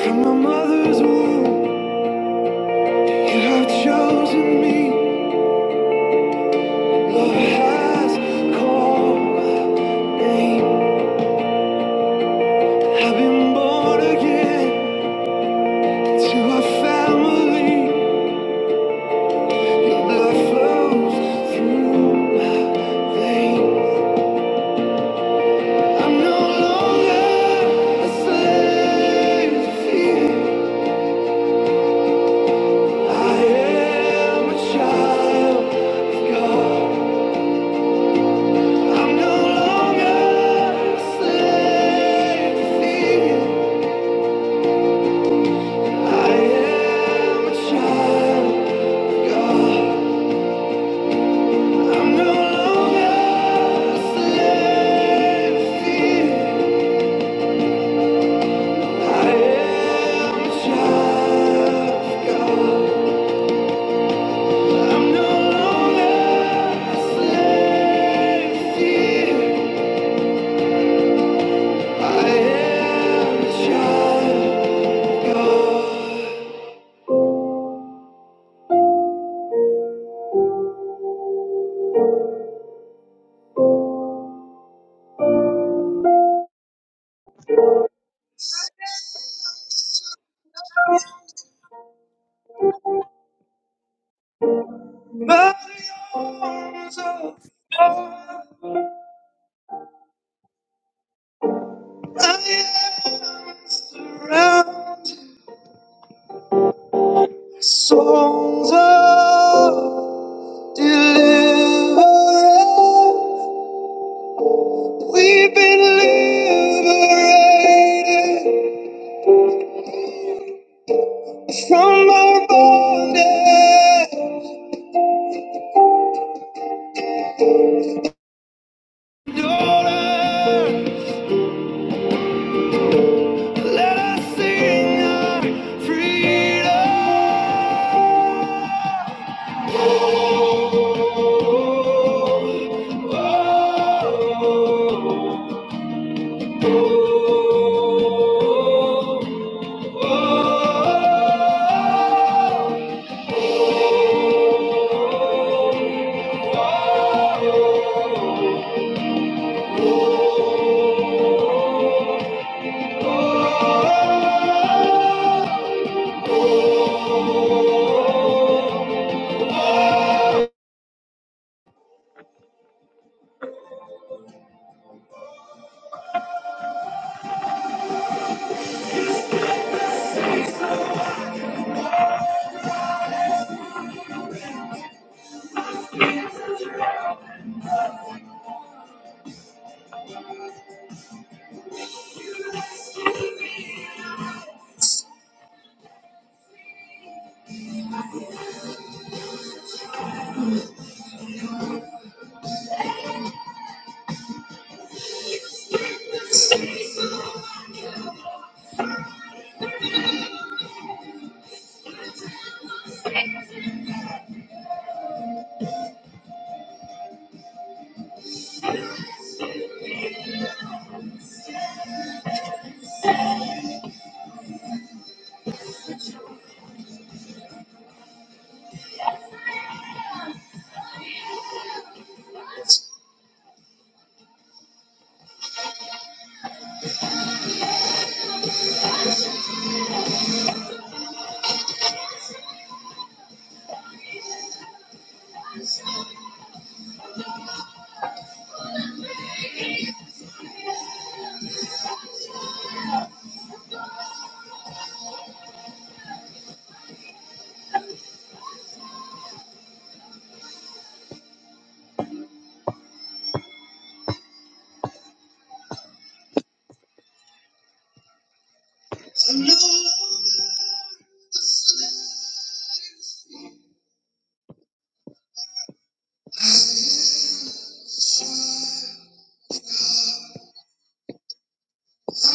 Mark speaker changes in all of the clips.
Speaker 1: From my mother's womb, you have chosen me. Love has called my name. I've been born again to a family. Your blood flows through my veins. I'm no longer a slave to fear. I am a child of God. I'm no longer a slave to fear. I am a child of God. I'm no longer a slave here. I am a child of God. I'm no longer a slave here. I am a child of God. My arms are open. I am around. Songs of deliverance. We've been liberated from our bondage. Let us sing our freedom. Oh, oh, oh, oh. oh.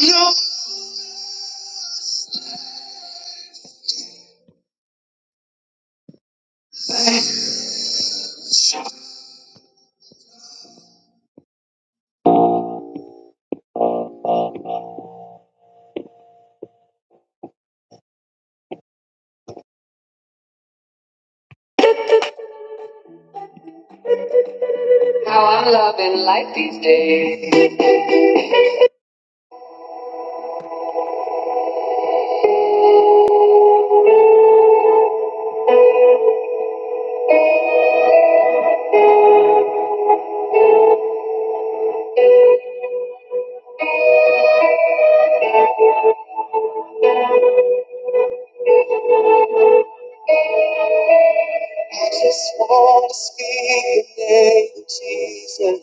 Speaker 1: No. How I'm loving life these days. Just want to speak the name of Jesus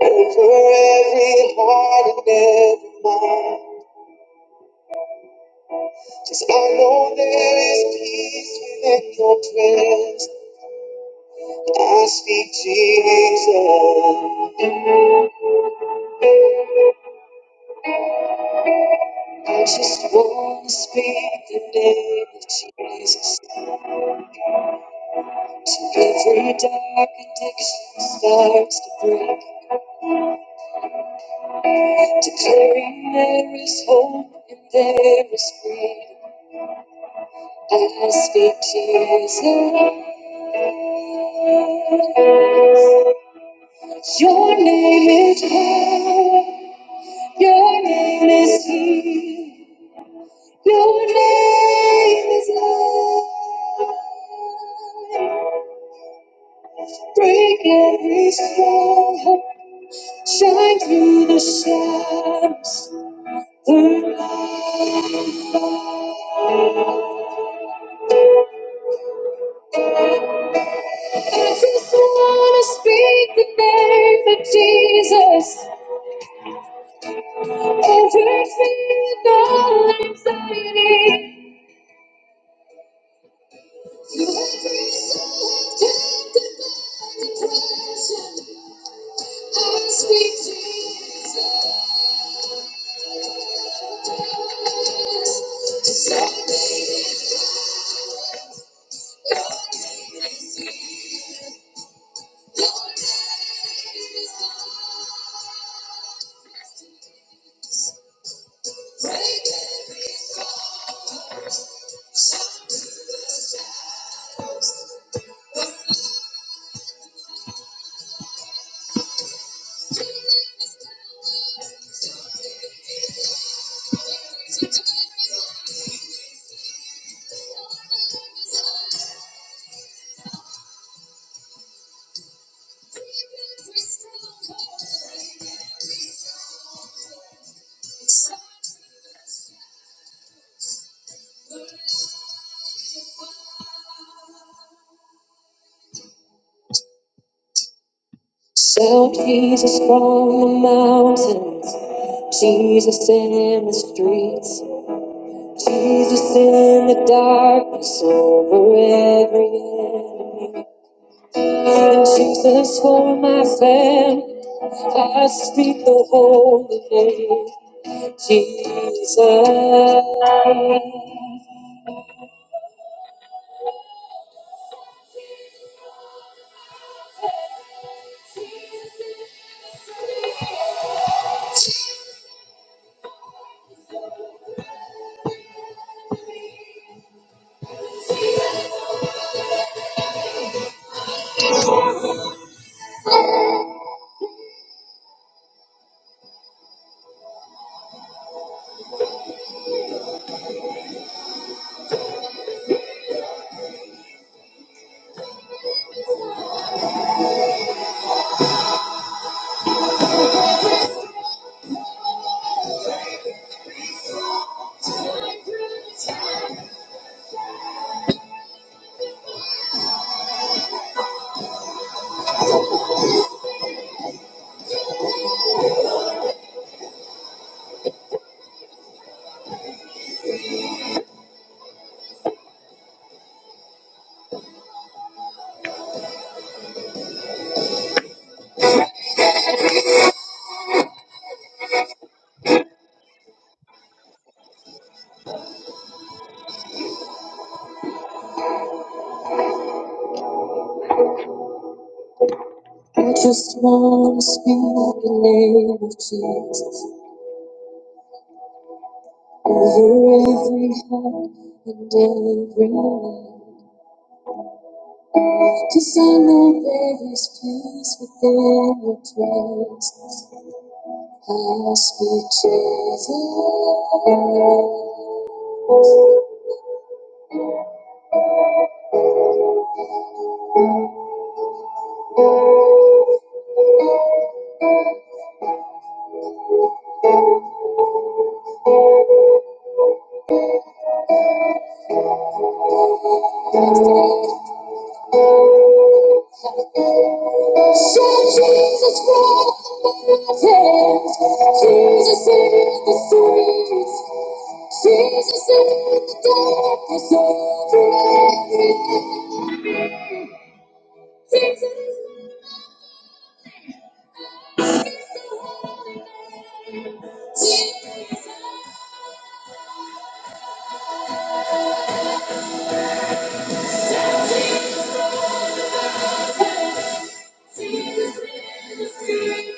Speaker 1: over every heart and every mind. Cause I know there is peace within your presence. I speak Jesus. I just want to speak the name of Jesus. So Every dark addiction starts to break. Declaring there is hope and there is freedom. I speak to Jesus. Your name is power. Your name is healing. Your name is love. Break every stronghold. Shine through the shadows. The light. I just wanna speak the name of Jesus over me with all anxiety. To every soul tempted by depression, I speak Jesus. Shout Jesus from the mountains, Jesus in the streets, Jesus in the darkness over every enemy. Jesus for my family, I speak the holy name, Jesus. I just want to speak the name of Jesus over every heart and every mind. Cause I know there is peace within your presence. I speak Jesus. So Jesus Christ mountains, Jesus in the streets, Jesus in the darkness over every enemy. Jesus, Jesus, Jesus in the streets.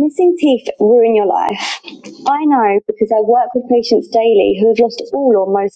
Speaker 1: Missing teeth ruin your life. I know because I work with patients daily who have lost all or most.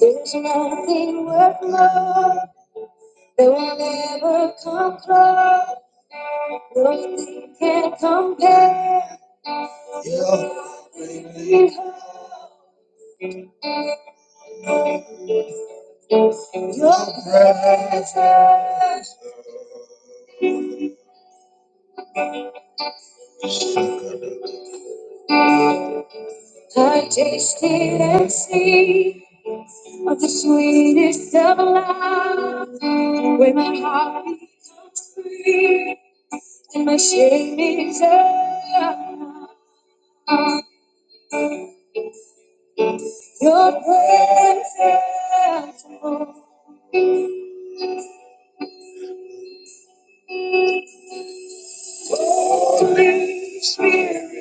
Speaker 1: There's nothing worth more that will ever come close. Nothing can compare. It has us. I tasted and see of the sweetest of love. When my heart becomes free and my shame is up, your presence, Holy Spirit,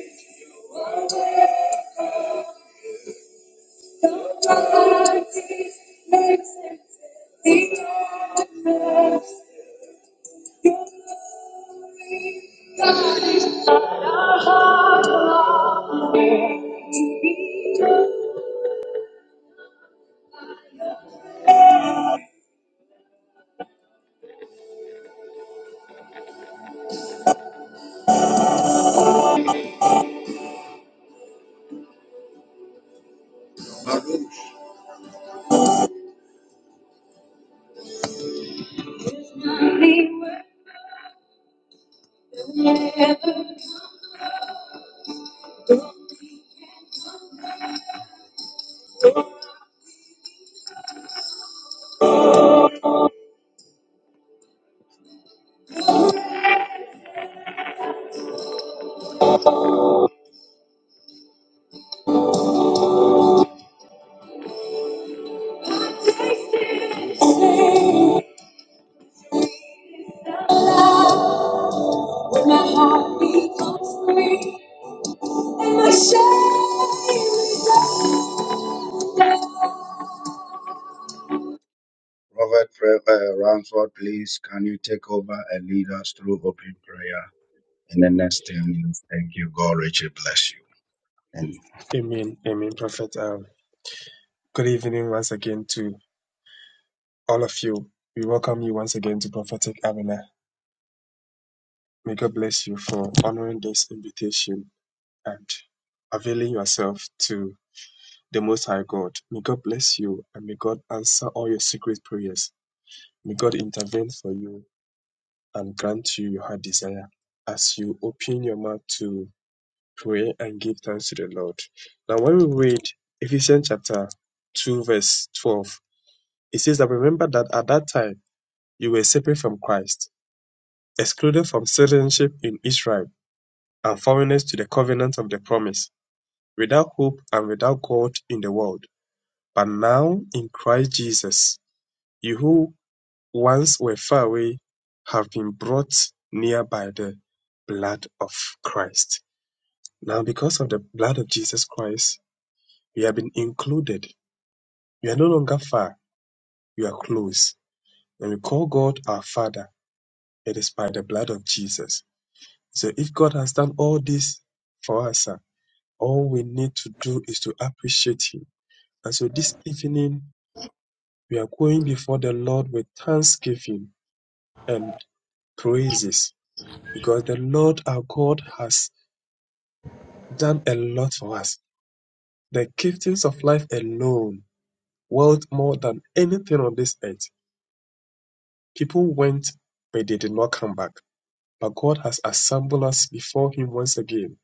Speaker 1: of God, When My heart becomes free, and my shame. is
Speaker 2: Amen. Amen, Prophet. Um, good evening once again to all of you. We welcome you once again to Prophetic Arena. May God bless you for honoring this invitation and availing yourself to the Most High God. May God bless you and may God answer all your secret prayers. May God intervene for you and grant you your heart desire as you open your mouth to pray and give thanks to the Lord. Now, when we read Ephesians chapter 2, verse 12, It says that remember that at that time you were separate from Christ, excluded from citizenship in Israel, and foreigners to the covenant of the promise, without hope and without God in the world. But now in Christ Jesus, you who once were far away have been brought near by the blood of Christ. Now, because of the blood of Jesus Christ, we have been included. We are no longer far, we are close. When we call God our Father, it is by the blood of Jesus. So if God has done all this for us, ah, all we need to do is to appreciate Him. And so this evening, we are going before the Lord with thanksgiving and praises because the Lord our God has done a lot for us. The giftings of life alone, worth more than anything on this earth. People went, but they did not come back But God has assembled us before Him once again.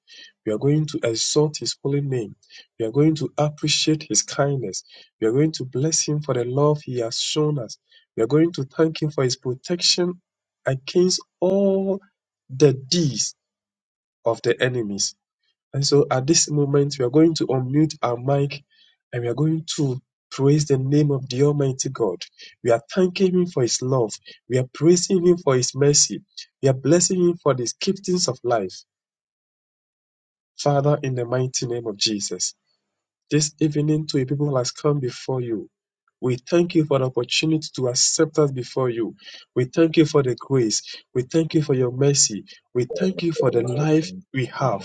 Speaker 2: We are going to exalt His holy name. We are going to appreciate His kindness. We are going to bless Him for the love He has shown us. We are going to thank Him for His protection against all the deeds of the enemies. And so at this moment, we are going to unmute our mic and we are going to praise the name of the Almighty God. We are thanking Him for His love. We are praising Him for His mercy. We are blessing Him for these giftings of life. Father, in the mighty name of Jesus, this evening to a people who has come before you. We thank you for the opportunity to accept us before you. We thank you for the grace. We thank you for your mercy. We thank you for the life we have.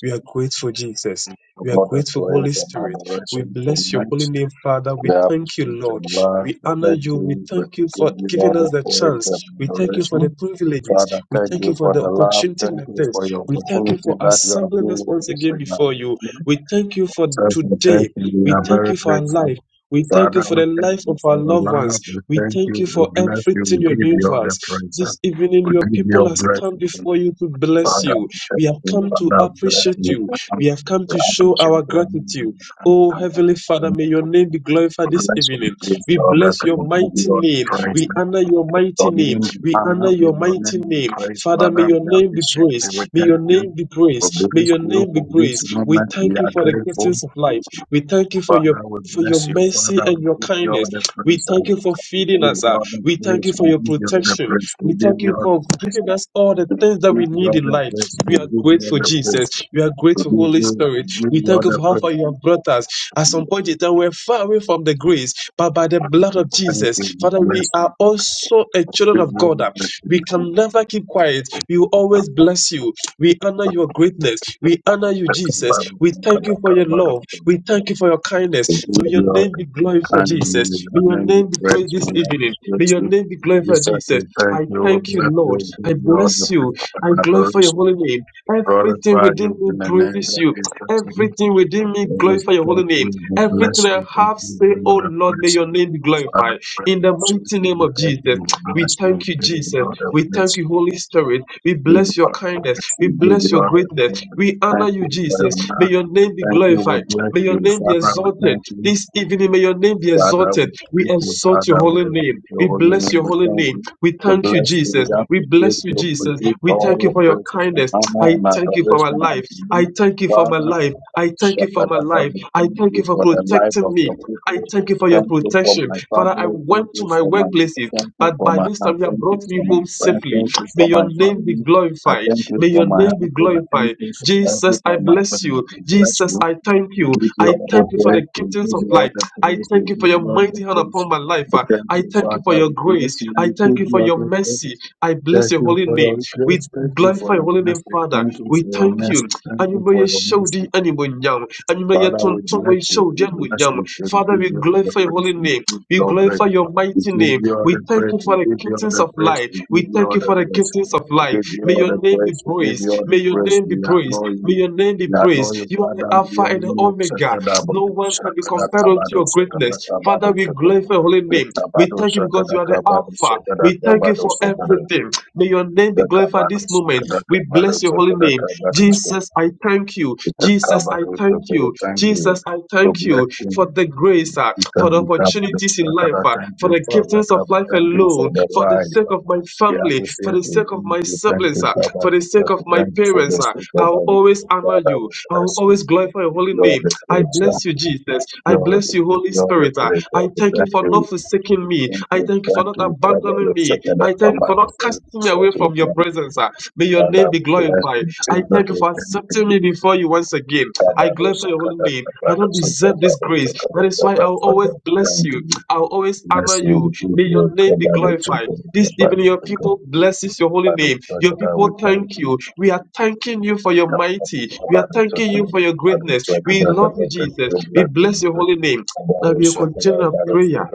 Speaker 2: We are grateful, Jesus. We are grateful, Holy Spirit. We bless your holy name, Father. We thank you, Lord. We honor you. We thank you for giving us the chance. We thank you for the privileges. We thank you for the opportunity like this. We thank you for assembling us once again before you. We thank you for today. We thank you for our life. We thank you for the life of our loved ones. We thank you for everything you're doing for us. This evening, your people has come before you to bless you. We have come to appreciate you. We have come to show our gratitude. Oh, Heavenly Father, may your name be glorified this evening. We bless your mighty name. We honor your mighty name. We honor your mighty name. Father, may your name be praised. May your name be praised. May your name be praised. We thank you for the giftings of life. We thank you for your for your mercy and your kindness. We thank you for feeding us. ah. We thank you for your protection. We thank you for giving us all the things that we need in life. We are grateful, Jesus. We are grateful, Holy Spirit. We thank you for how far you have brought us. At some point in time, we're far away from the grace, but by the blood of Jesus, Father, we are also a children of God. We can never keep quiet. We will always bless you. We honor your greatness. We honor you, Jesus. We thank you for your love. We thank you for your kindness. So May your name be glorified, Jesus. May your name be praised this evening. May your name be glorified, Jesus. I thank you, Lord. I bless you. I glorify your holy name. Everything within me praises you. Everything within me glorify your holy name. Everything I have say, oh Lord, may your name be glorified. In the mighty name of Jesus, we thank you, Jesus. We thank you, Holy Spirit. We bless your kindness. We bless your greatness. We honor you, Jesus. May your name be glorified. May your name be exalted. This evening, may your name be exalted. We exalt your holy name. We bless your holy name. We thank you, Jesus. We bless you, Jesus. We thank you for your kindness. I thank you for my life. I thank you for my life. I thank you for my life. I thank you for protecting me. I thank you for your protection. Father, I went to my workplaces, but by this time you have brought me home safely. May your name be be glorified. May your name be glorified. Jesus, I bless you. Jesus, I thank you. I thank you for the giftings of life. I thank you for your mighty hand upon my life. Ah, I thank you for your grace. I thank you for your mercy. I bless your holy name. We glorify your holy name, Father. We thank you anyuma yɛhyɛwdi animuonyam anyuma yɛtontom wo yɛhyɛwdi animuonyam father we glorify your holy name we glorify your mighty name we thank you for the giftings of life we thank you for the giftings of life may your name be praised may your name be praised may your name be praised you are the alpha and the omega no one can be compared unto your greatness father we glorify your holy name we thank you because you are the alpha we thank you for everything may your name name be glorified this moment. We bless your holy name. Jesus, I thank you. Jesus, I thank you.
Speaker 3: Yeah,
Speaker 2: Jesus, I thank you for the grace, uh, for the opportunities in life, uh, for the giftings of life alone, for the sake of my family, for the sake of my siblings, uh, for the sake of my parents. uh, I'll always honor you. I'll always glorify your holy name. I bless you, Jesus. I bless you, Holy Spirit. uh, I thank you for not forsaking me. I thank you for not abandoning me. I thank you for not casting me away from your presence. ah. May your name be glorified. I thank you for accepting me before you once again. I glorify your holy name. I don't deserve this grace. That is why I'll always bless you. I'll always honor you. May your name be glorified. This evening, your people blesses your holy name. Your people thank you. We are thanking you for your mighty. We are thanking you for your greatness. We love you, Jesus. We bless your holy name. Now we will continue our prayer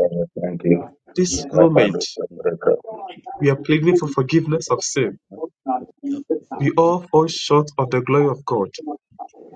Speaker 3: but she
Speaker 2: this
Speaker 3: could not
Speaker 2: moment.
Speaker 3: think
Speaker 2: We are pleading for forgiveness of
Speaker 3: of
Speaker 2: sin.
Speaker 3: job before
Speaker 2: We
Speaker 3: God
Speaker 2: all fall short of the glory of God.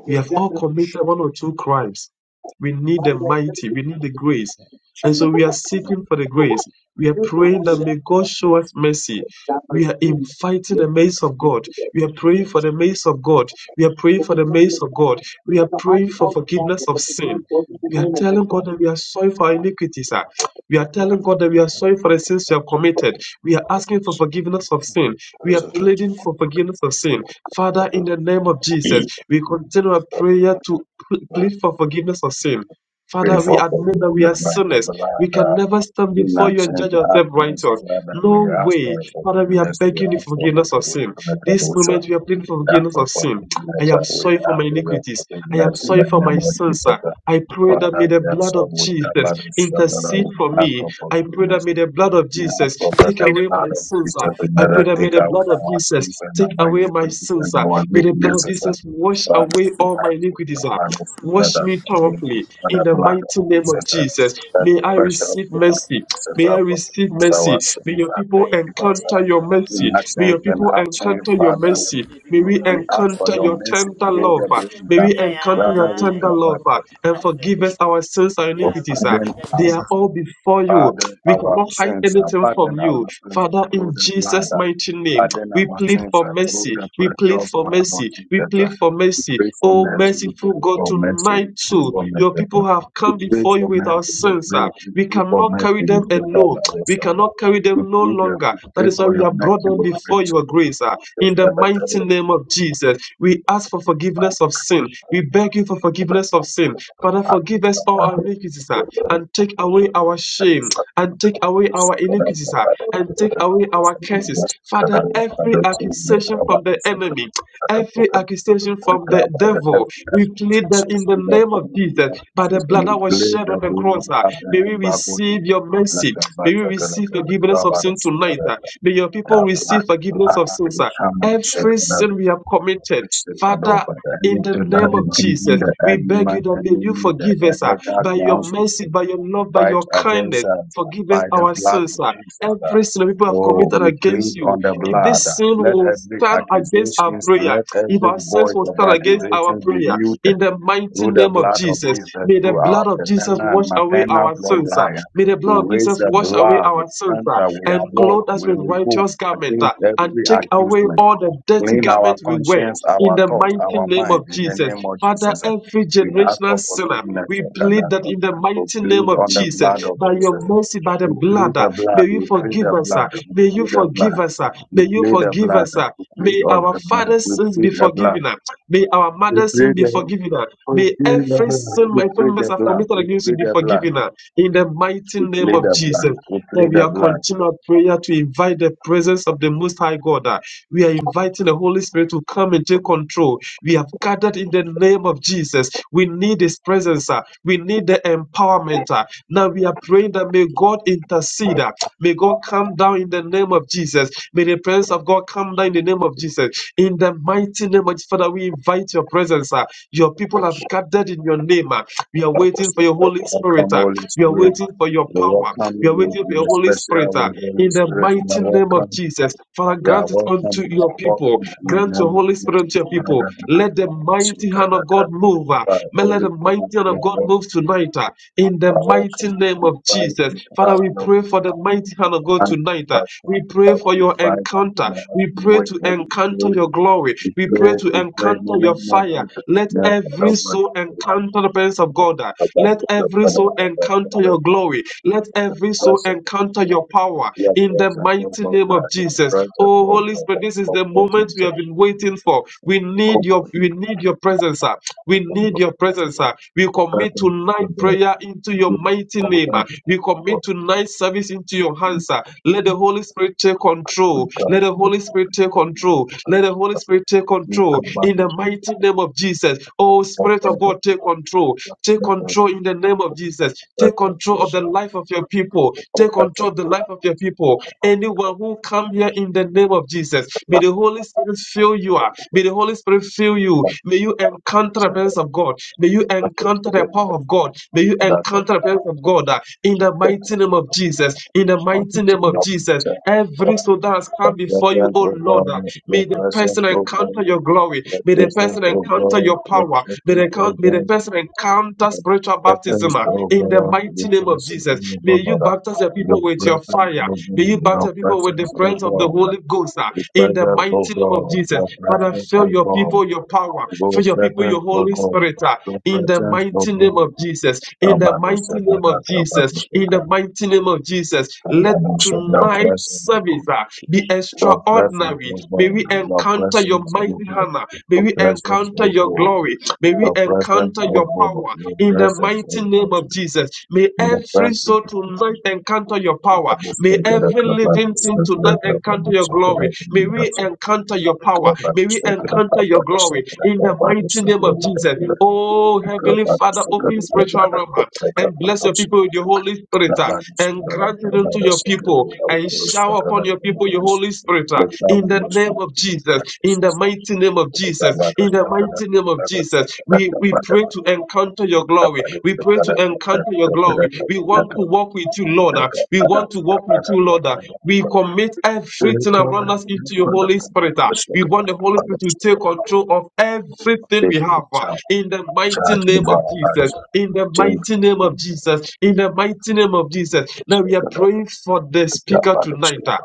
Speaker 2: We have all committed one or two crimes. We need the mighty, we need the grace. And so we are
Speaker 3: what
Speaker 2: seeking for the grace. We are praying that
Speaker 3: was
Speaker 2: may God show us mercy. We are inviting the mercy of God. We are praying for the mercy of God. We are praying for the mercy of God. We are praying for forgiveness of sin. We are telling God that we are sorry for our iniquities. ah. We are telling God that we are sorry for the sins we have committed. We are asking for forgiveness of sin. We are pleading for forgiveness of sin. Father, in the name of Jesus, we continue our prayer to pl- plead for forgiveness of sin. Father, we admit that we are sinners. We can never stand before you and judge ourselves righteous. No way. Father, we are begging you for forgiveness of sin. This moment, we are pleading for forgiveness of sin. I am sorry for my iniquities. I am sorry for my sins. sir. I pray that may the blood of Jesus intercede for me. I pray that may the blood of Jesus take
Speaker 4: Kai,
Speaker 2: away my sins. sir. I pray that may the blood of Jesus take away my sins. ah. May the blood of Jesus wash away all my iniquities. ah. Wash me thoroughly in the mighty name of Jesus. May I receive mercy. May I receive mercy. May your people
Speaker 4: Kai,
Speaker 2: encounter
Speaker 4: you
Speaker 2: your
Speaker 4: are all
Speaker 2: mercy.
Speaker 4: Kai.
Speaker 2: May your people encounter your
Speaker 4: Every
Speaker 2: mercy.
Speaker 4: day
Speaker 2: May
Speaker 4: people
Speaker 2: we
Speaker 4: are all speaking more.
Speaker 2: encounter your tender love. ah. May we
Speaker 4: Yeah,
Speaker 2: encounter your tender love
Speaker 4: yeah.
Speaker 2: ah, and
Speaker 4: That's the only.
Speaker 2: forgive us our sins and
Speaker 4: Yeah, but
Speaker 2: iniquities. ah.
Speaker 4: that's
Speaker 2: They
Speaker 4: that.
Speaker 2: are all before you. We cannot hide anything from you. Father, in Jesus' mighty name, we plead for mercy. We plead for mercy. We plead for mercy. Oh, merciful God, tonight too, your people have come before you with our sins. ah. We cannot carry them alone. We cannot carry them no longer. That is why we have brought them before your grace. ah. In the mighty name of Jesus, we ask for forgiveness of sin. We beg you for forgiveness of sin. Father, forgive us all our iniquities ah, and take away our shame and take away our iniquities ah, and take away our curses. Father, every accusation from the enemy, every accusation from the devil, we plead that in the name of Jesus, by the blood that was shed on the cross, ah, may we receive your mercy. May we receive forgiveness of sin tonight. ah. May your people receive forgiveness of sins. ah. Every sin we have committed, Father, in the name of Jesus, we beg you that may you forgive us ah, by your mercy, by your love, by your kindness. Forgive us our sins. ah. Every sin that people have committed against you, if this sin will stand against our prayer, if our sins will stand against our prayer, in the mighty name of Jesus, may the blood of Jesus wash away our sins. ah. May the blood of Jesus wash away our sins. ah and clothe us with righteous garment uh, and take away all the dirty garments we wear in the mighty name of Jesus. Father, every generational sinner, we plead that in the mighty name of Jesus, by your mercy, by the blood, uh, may you forgive us. uh, May you forgive us. uh, May you forgive us. uh, May our father's sins be forgiven. uh, May our mother's sin be forgiven. uh, May every sin my family members have committed against you be forgiven. uh, In the mighty name
Speaker 3: she
Speaker 2: of
Speaker 3: done
Speaker 2: Jesus. Lord, we are continuing prayer to invite the presence of the Most High God. uh, We are inviting the Holy Spirit to come and take control. We have gathered in the name of Jesus. We need His presence. uh, We need the empowerment. uh. Now we are praying that may God intercede. uh, May God come down in the name of Jesus. May the presence of God come down in the name of Jesus. In the mighty name of Father, we invite your presence. uh, Your people have gathered in your name. uh, We are waiting for your Holy Spirit. uh, We are waiting for your power. We are waiting for your Holy Spirit ah, in the mighty name of Jesus. Father, grant it unto your people. Grant your Holy Spirit unto your people. Let the mighty hand of God move. ah. May Let the mighty hand of God move tonight ah, in the mighty name of Jesus. Father, we pray for the mighty hand of God tonight. ah. We pray for your encounter. We pray to encounter your glory. We pray to encounter encounter your fire. Let every soul encounter the presence of God. Let every soul encounter your glory. Let every soul encounter your power in the mighty name of Jesus. Oh Holy Spirit, this is the moment we have been waiting for. We need your we need your presence. We need your presence. ah. We commit tonight prayer into your mighty name. ah. We commit tonight service into your hands. ah. Let the Holy Spirit take control. Let the Holy Spirit take control. Let the Holy Spirit take control in the mighty name of Jesus. Oh, Spirit of God, take control. Take control in the name of Jesus. Take control of the life of your people. Take control of the life of your people. Anyone everyone who come here in the name of Jesus. May the Holy Spirit fill you up. May the Holy Spirit fill you. May you encounter the presence of God. May you encounter the power of God. May you encounter the presence of God uh, in the mighty name of Jesus. In the mighty name of Jesus. Every soul that has come before you, oh Lord, uh, may the person encounter your glory. May the person encounter your power. May the, may the person encounter counter spiritual baptism uh, in the mighty name of Jesus. May you baptize the people with your fire. May you baptize people with the presence of the Holy Ghost uh, in the mighty name of Jesus. Father, fill your people your power. Fill your people your Holy Spirit uh, in the mighty name of Jesus. In the mighty name of Jesus. In the mighty name of Jesus. Let tonight's service uh, be extraordinary. May we encounter your mighty hand. uh, May we encounter your glory. May we encounter your power in the mighty name of Jesus. May every soul tonight encounter your power. May every living thing tonight encounter your glory. May we encounter your power. May we encounter your glory in the mighty name of Jesus. Oh, Heavenly Father, open spiritual realm. uh, and bless your people with your Holy Spirit uh, and grant it unto your people and shower upon your people your Holy Spirit uh, in the name of Jesus, in the mighty name of Jesus, in the mighty name of Jesus. We, we pray to encounter your glory. We pray to encounter your glory. We want to walk with you, Lord. Father. We want to walk with you, Lord. uh, We commit everything around us into your Holy Spirit. uh, We want the Holy Spirit to take control of everything we have uh, in the mighty name of Jesus. In the mighty name of Jesus. In the mighty name of Jesus. Now we are praying for the speaker tonight, uh,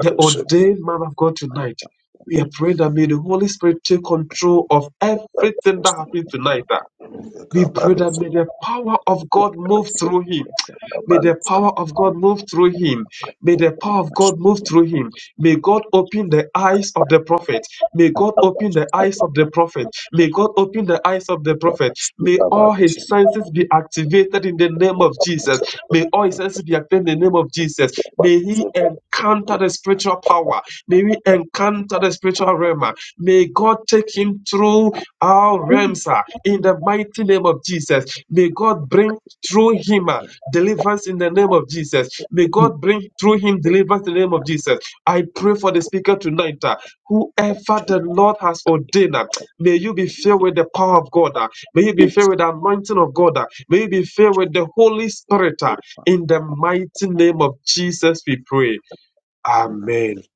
Speaker 2: the ordained man of God tonight. We are praying that may the Holy Spirit take control of everything that happened tonight. uh. We pray that may the power of God move through him. May the power of God move through him. May the power of God move through him. May God open the eyes of the prophet. May God open the eyes of the prophet. May God open the eyes of the prophet. May all his senses be activated in the name of Jesus. May all his senses be activated in the name of Jesus. May he encounter the spiritual power. May we encounter the spiritual realm. May God take him through our realms are in the mighty name of Jesus. May God bring through him uh,
Speaker 3: in
Speaker 2: deliverance in the name of Jesus. May God bring through him deliverance in the name of Jesus. I pray for the speaker tonight. uh, whoever
Speaker 3: shop
Speaker 2: the Lord has ordained, uh, may you be filled with the power of God. uh, may you be filled with the anointing of God. uh, may you be filled with the Holy Spirit. uh, in the mighty name of Jesus, we pray. Amen.
Speaker 3: properly.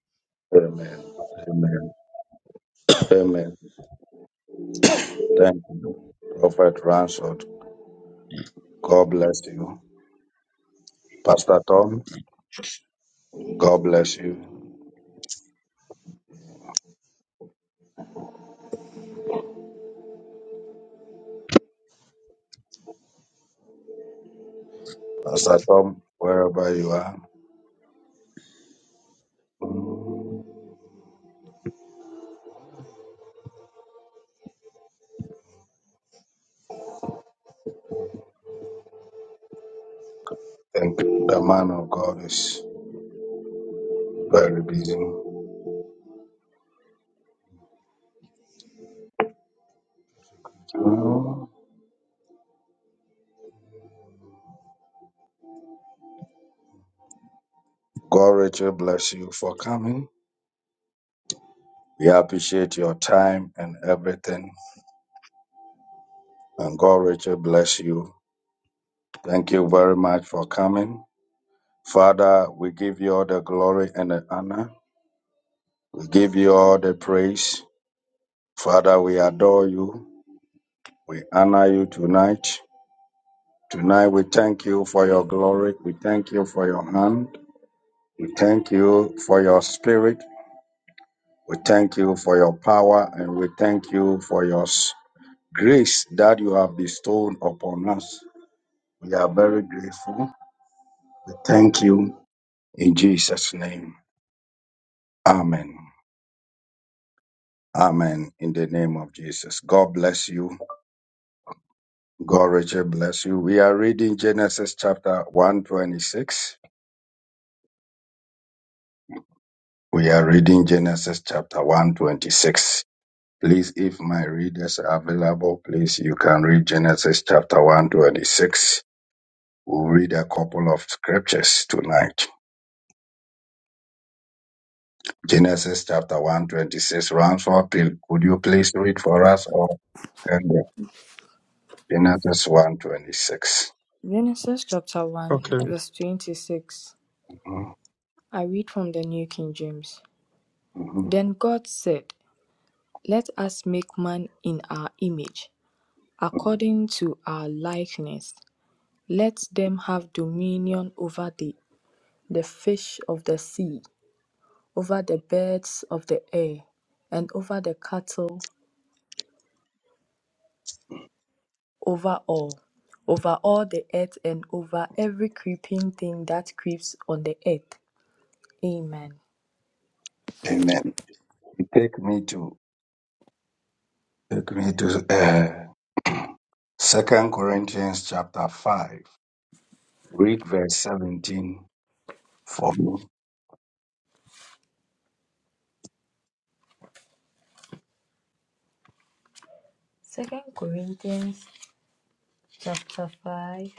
Speaker 5: Genesis chapter 1,
Speaker 2: Okay.
Speaker 5: verse 26. I read from the New King James. Then God said, Let us make man in our image, according to our likeness. Let them have dominion over the, the fish of the sea, over the birds of the air, and over the cattle, over all, over all the earth, and over every creeping thing that creeps on the earth. Amen. Second Corinthians chapter 5,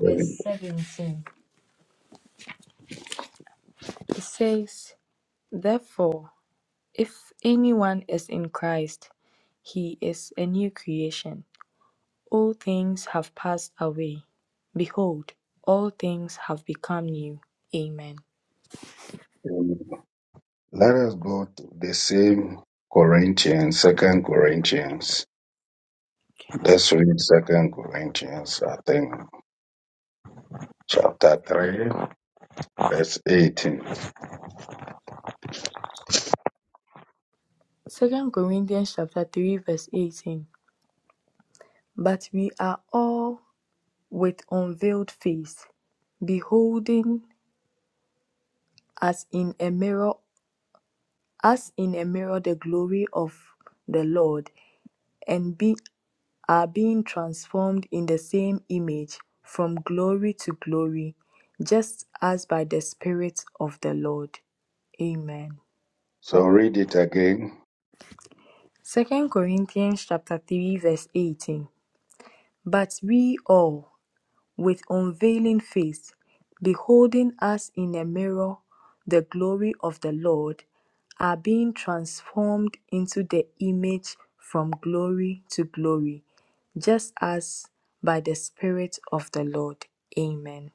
Speaker 5: verse 17. It says, Therefore, if anyone is in Christ, he is a new creation. All things have passed away. Behold, all things have become new. Amen. Second Corinthians chapter 3 verse 18. But we are all with unveiled face, beholding as in a mirror, as in a mirror the glory of the Lord, and be, are being transformed in the same image from glory to glory, just as by the Spirit of the Lord. Amen. Second Corinthians chapter 3 verse 18. But we all with unveiling face, beholding as in a mirror the glory of the Lord, are being transformed into the image from glory to glory, just as by the Spirit of the Lord. Amen.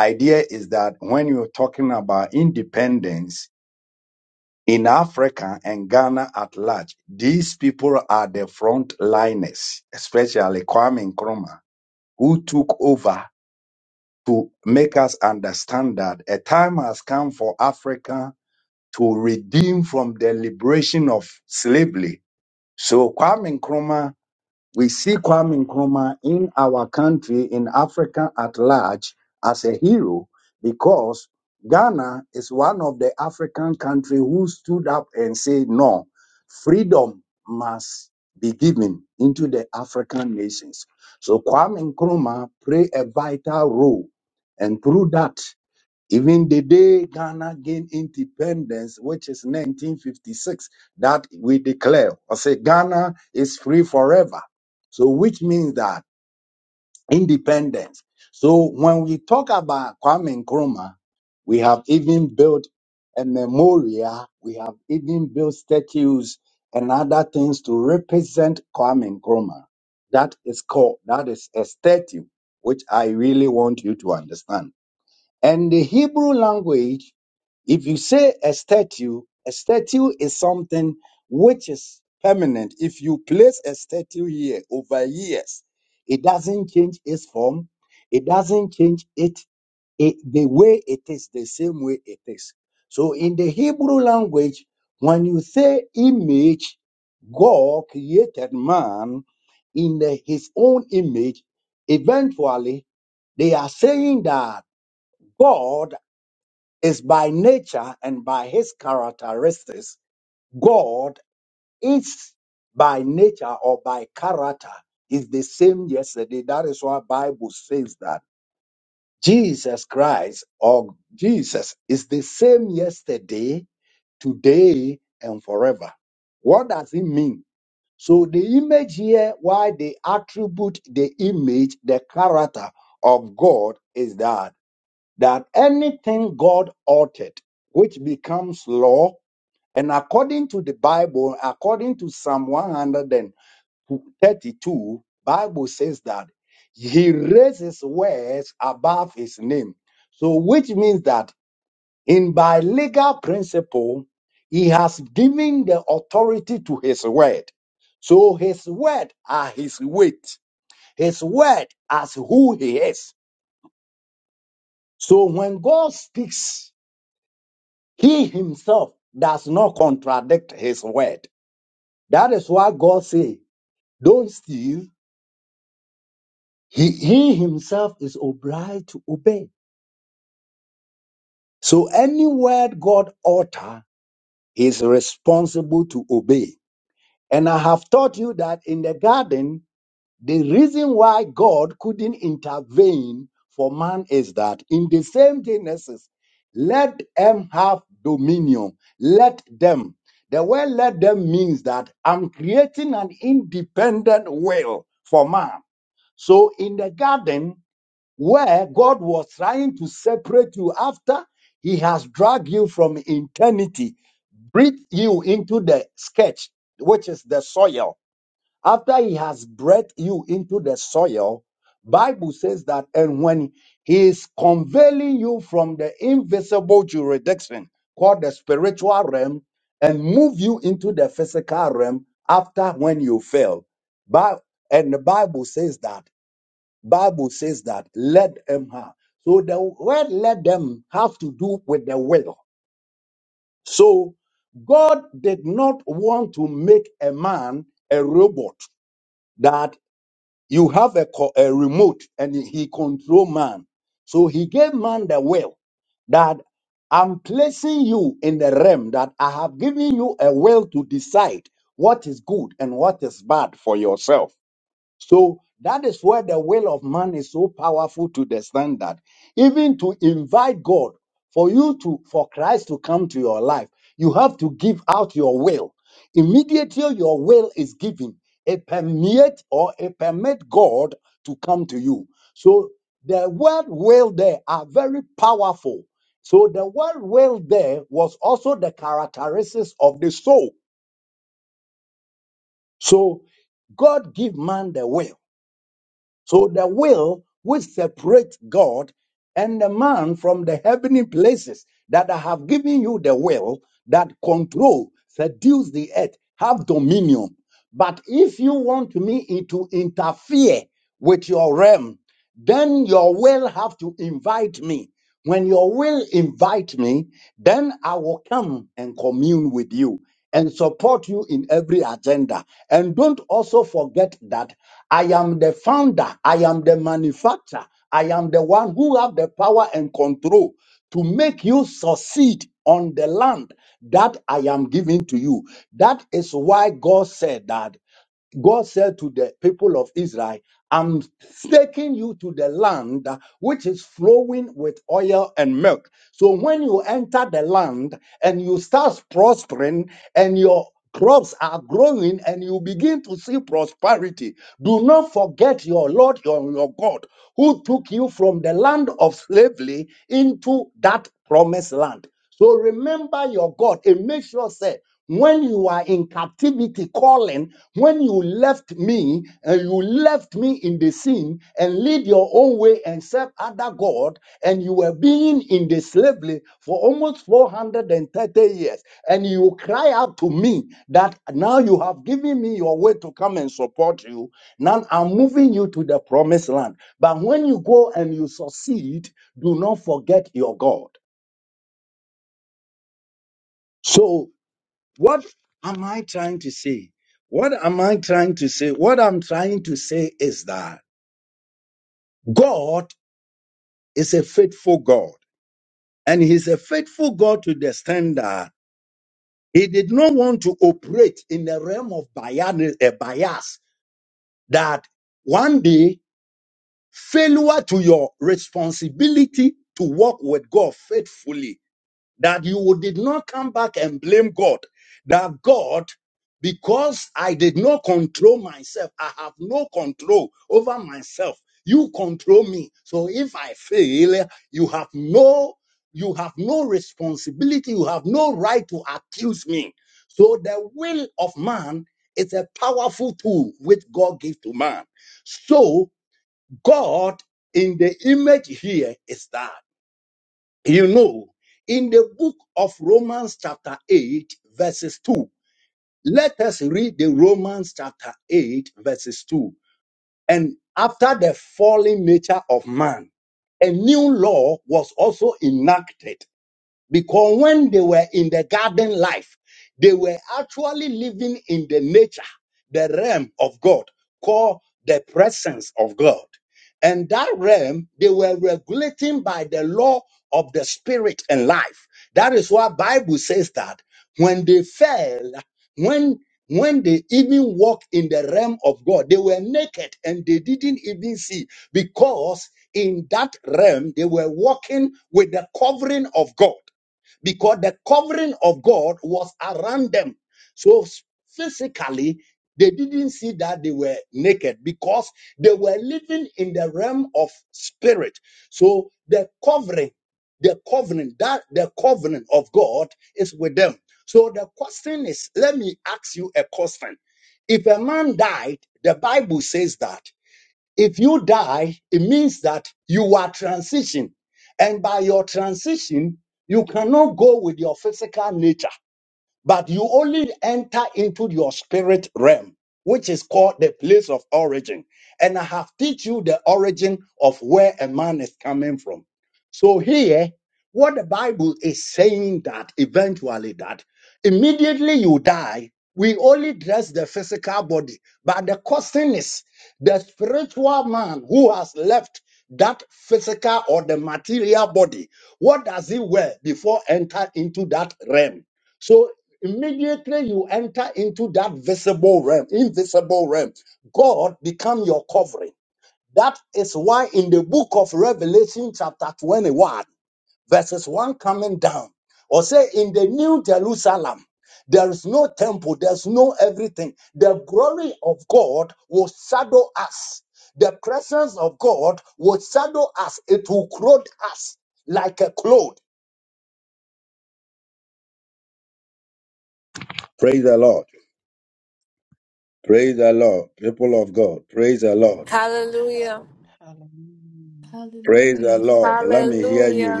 Speaker 6: Hallelujah.
Speaker 7: Hallelujah.
Speaker 5: Hallelujah.
Speaker 6: Hallelujah.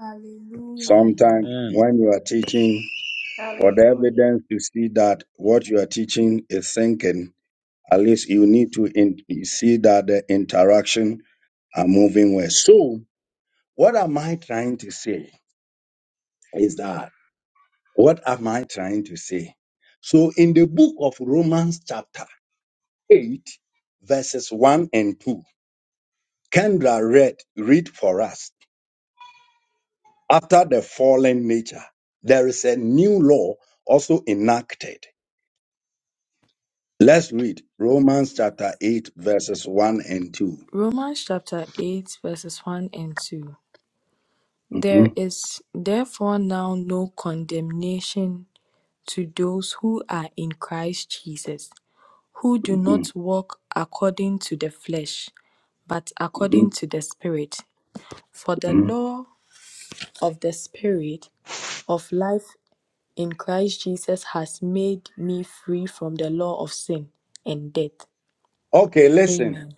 Speaker 5: Hallelujah.
Speaker 7: Hallelujah.
Speaker 3: And
Speaker 8: Hallelujah
Speaker 5: Romans chapter 8, verses 1 and 2. There is therefore now no condemnation to those who are in Christ Jesus. who do not walk according to the flesh, but according to the Spirit. For the law of the Spirit of life in Christ Jesus has made me free from the law of sin and death. Amen.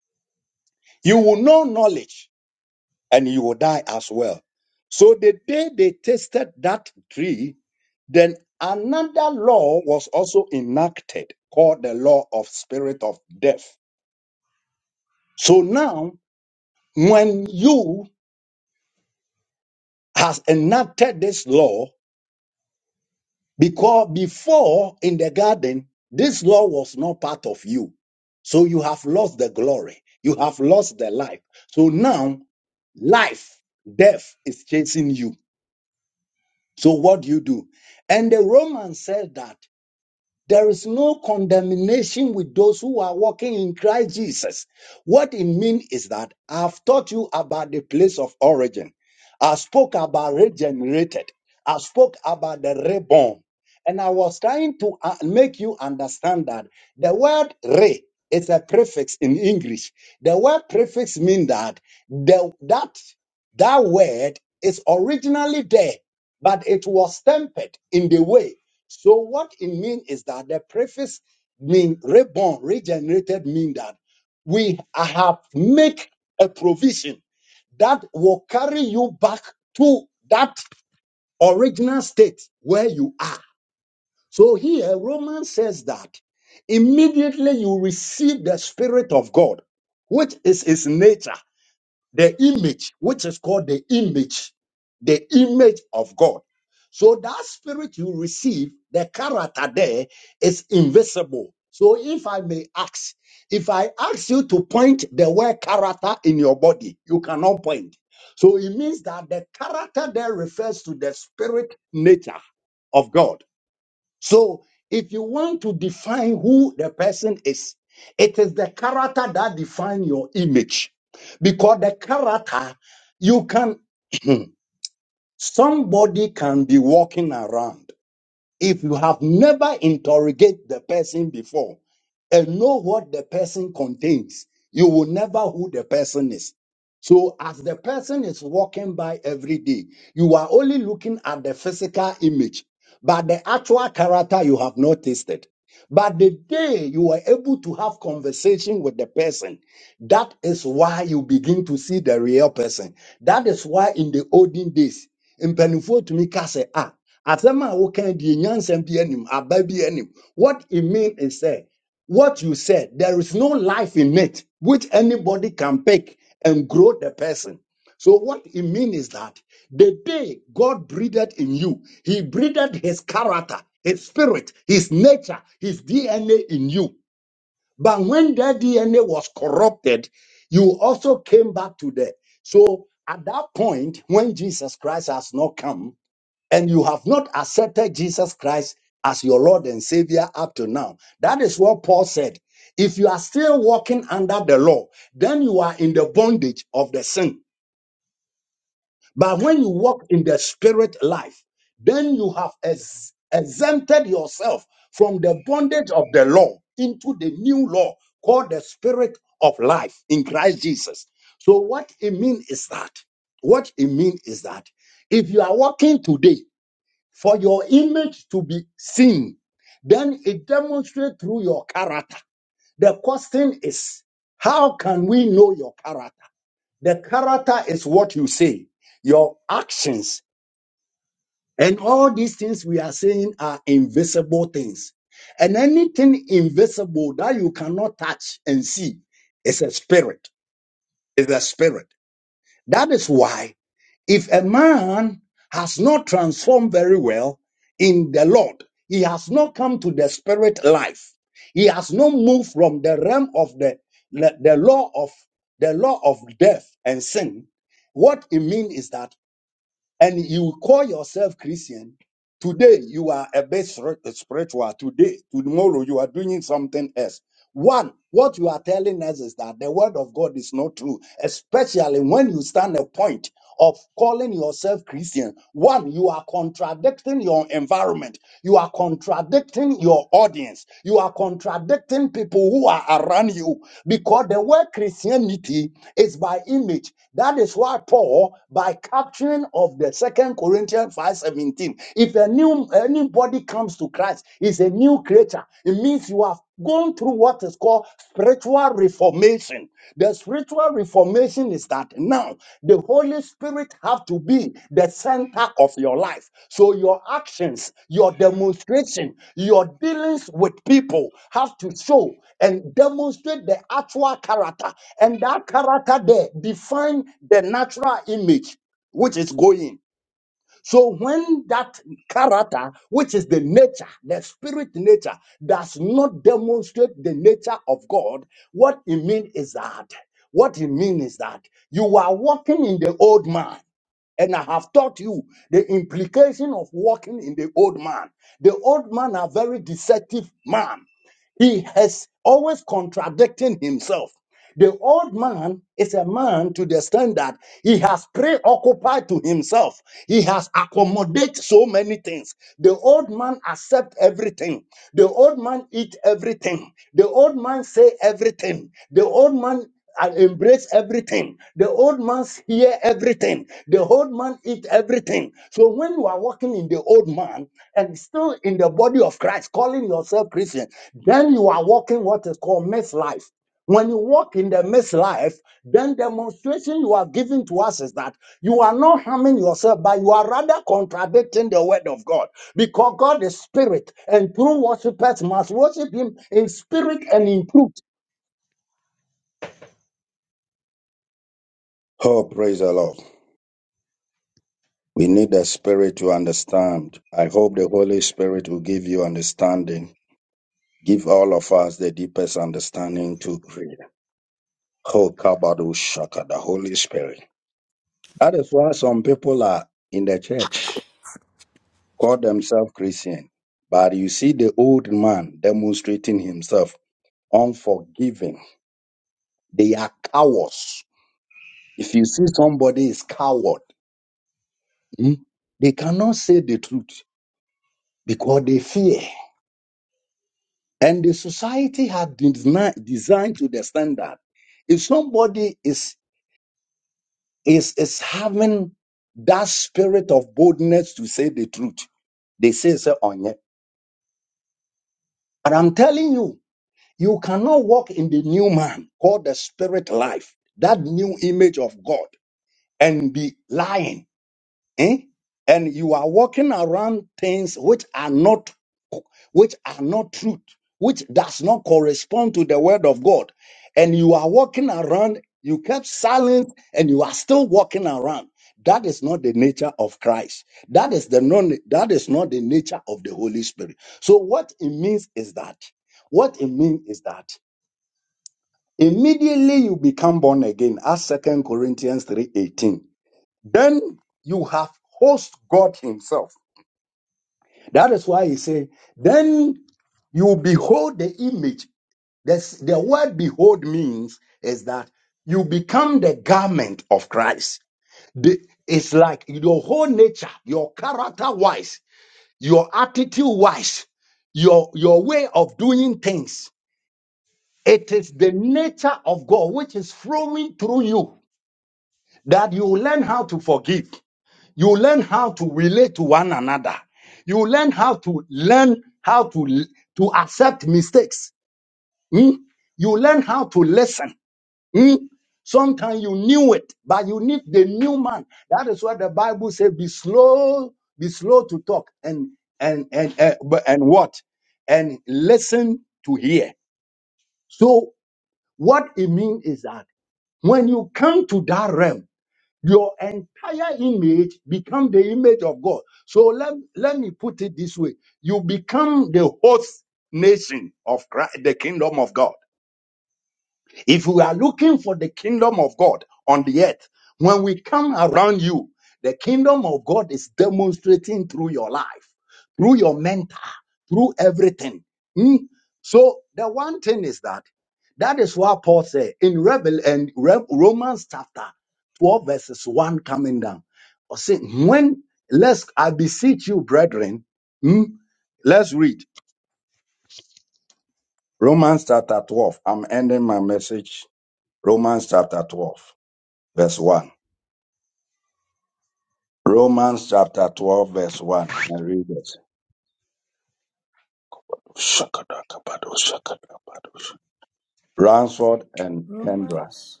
Speaker 5: Romans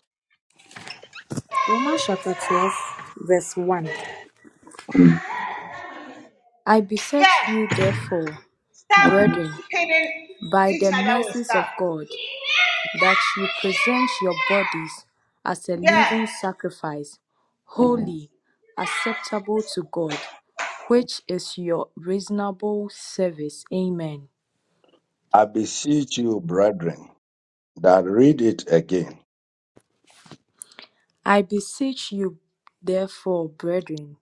Speaker 5: Romans chapter 12 verse 1. I beseech you,
Speaker 9: Yeah.
Speaker 5: therefore,
Speaker 9: Stop
Speaker 5: brethren,
Speaker 9: hitting
Speaker 5: by
Speaker 9: each
Speaker 5: the
Speaker 9: other with
Speaker 5: mercies
Speaker 9: stuff.
Speaker 5: of God, that you present your bodies as a
Speaker 9: Yeah.
Speaker 5: living sacrifice, holy, acceptable to God, which is your reasonable service. Amen. I beseech you, therefore, brethren,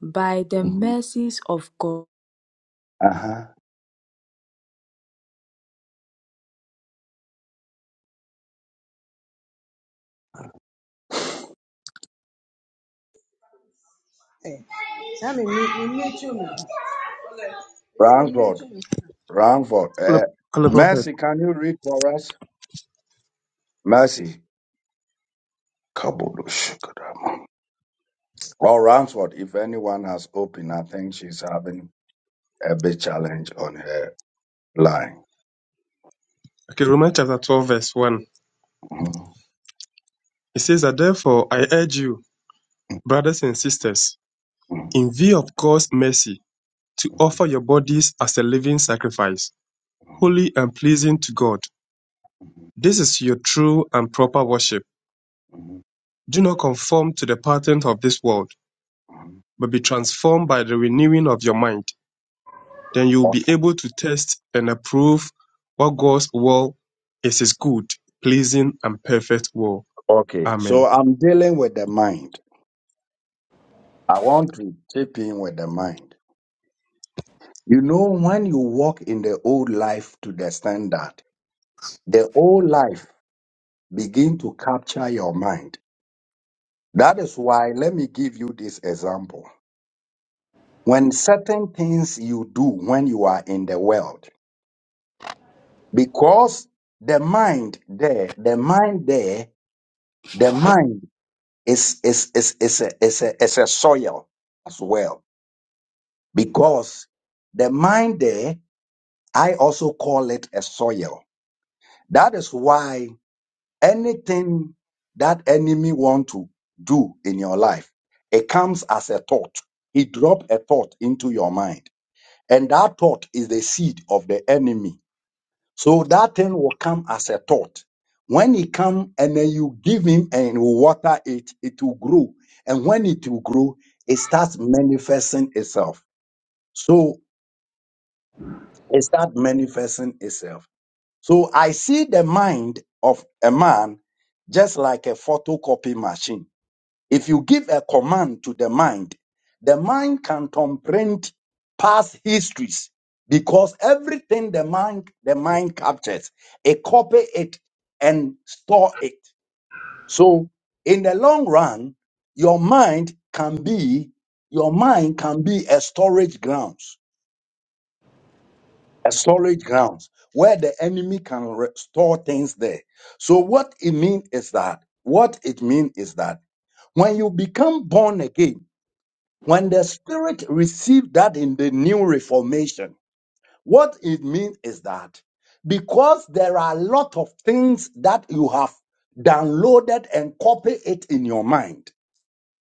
Speaker 5: by the mercies of God
Speaker 9: Hey, tell me, me, me, me, too, me. Is it me, me, too, me?
Speaker 2: Philip- Philip Prophet. Okay, Romans chapter 12, verse 1. He says that therefore I urge you, brothers and sisters, in view of God's mercy, to offer your bodies as a living sacrifice, holy and pleasing to God. This is your true and proper worship. Do not conform to the pattern of this world, but be transformed by the renewing of your mind. Then you will be able to test and approve what God's will is his good, pleasing, and perfect will. Amen.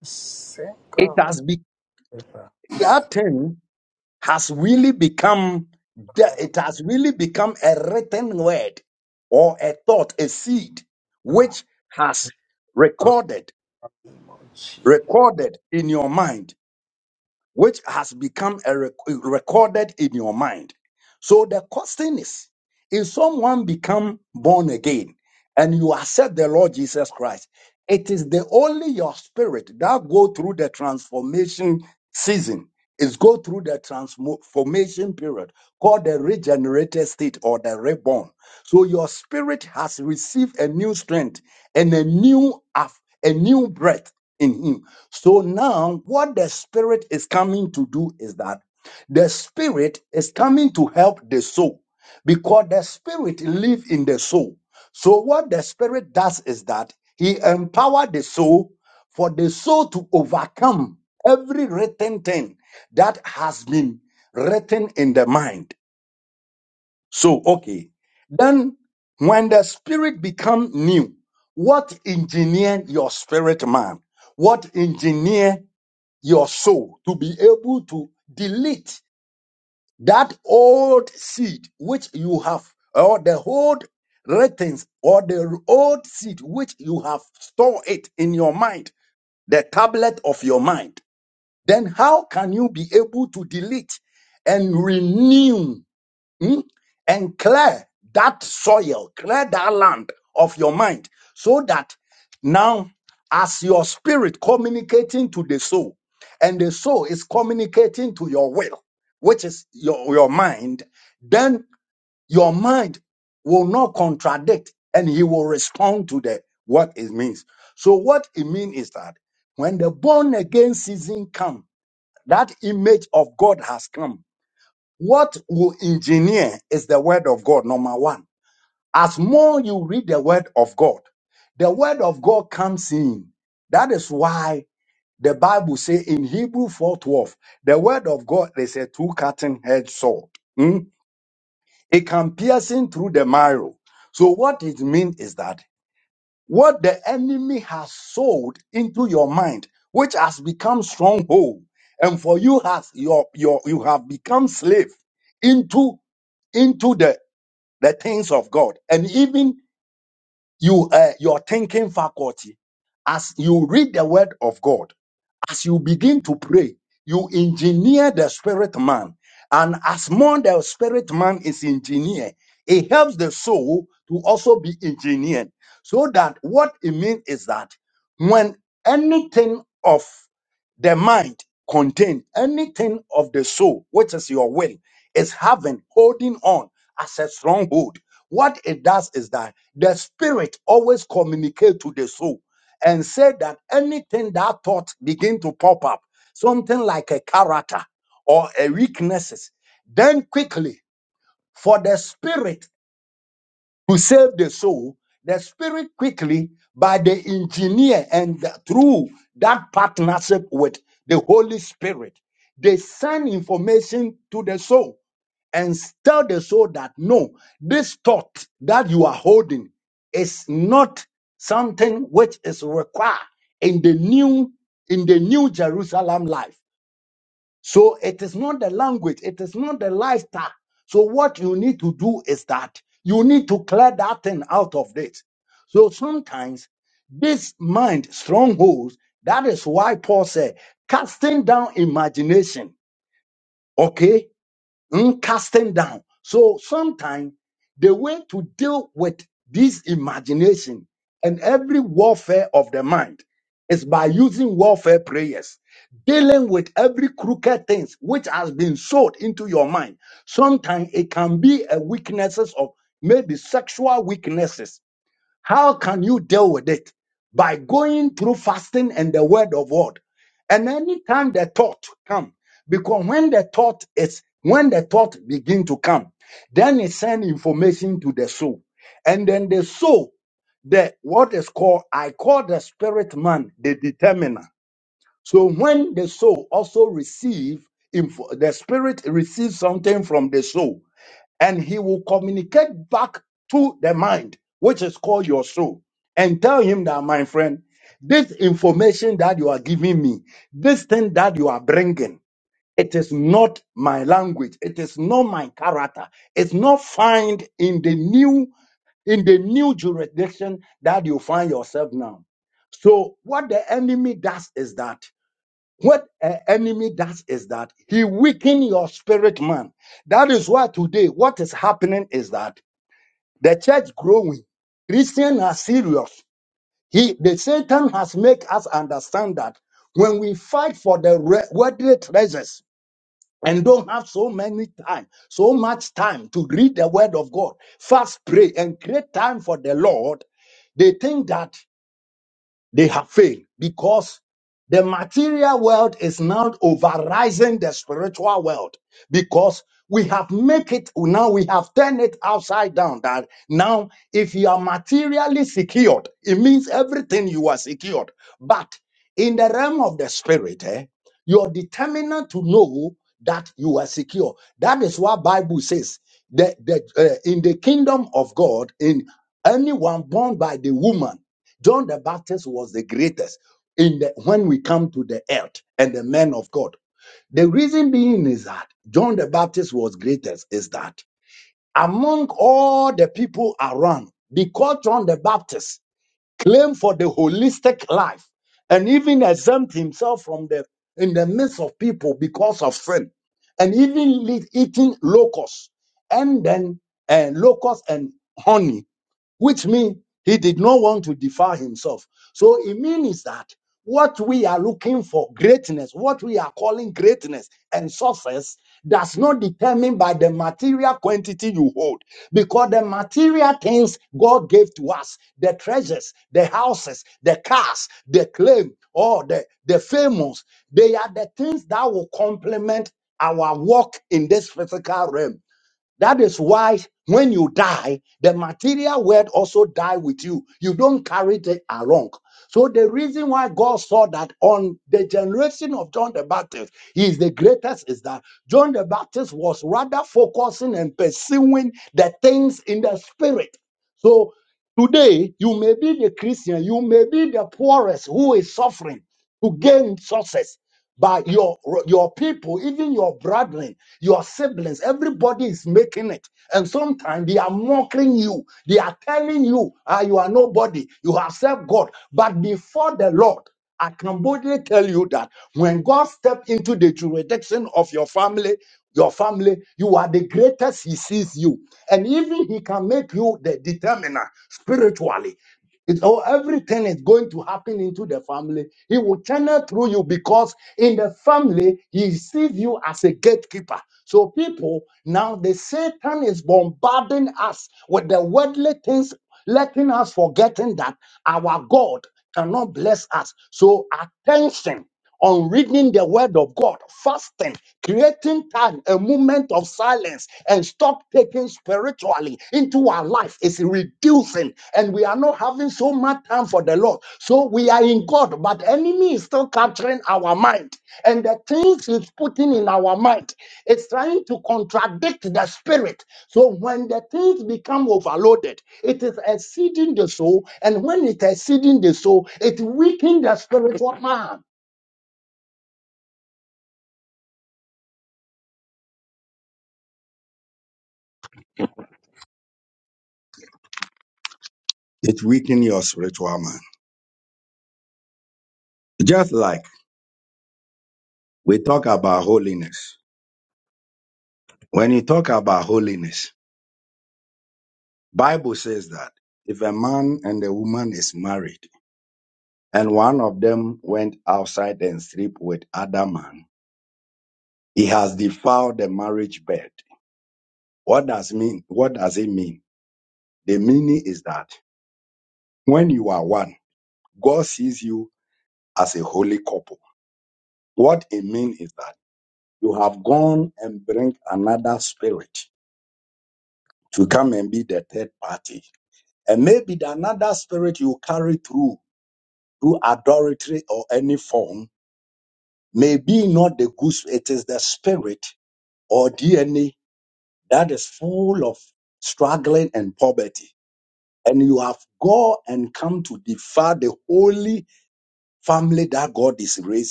Speaker 10: Amen.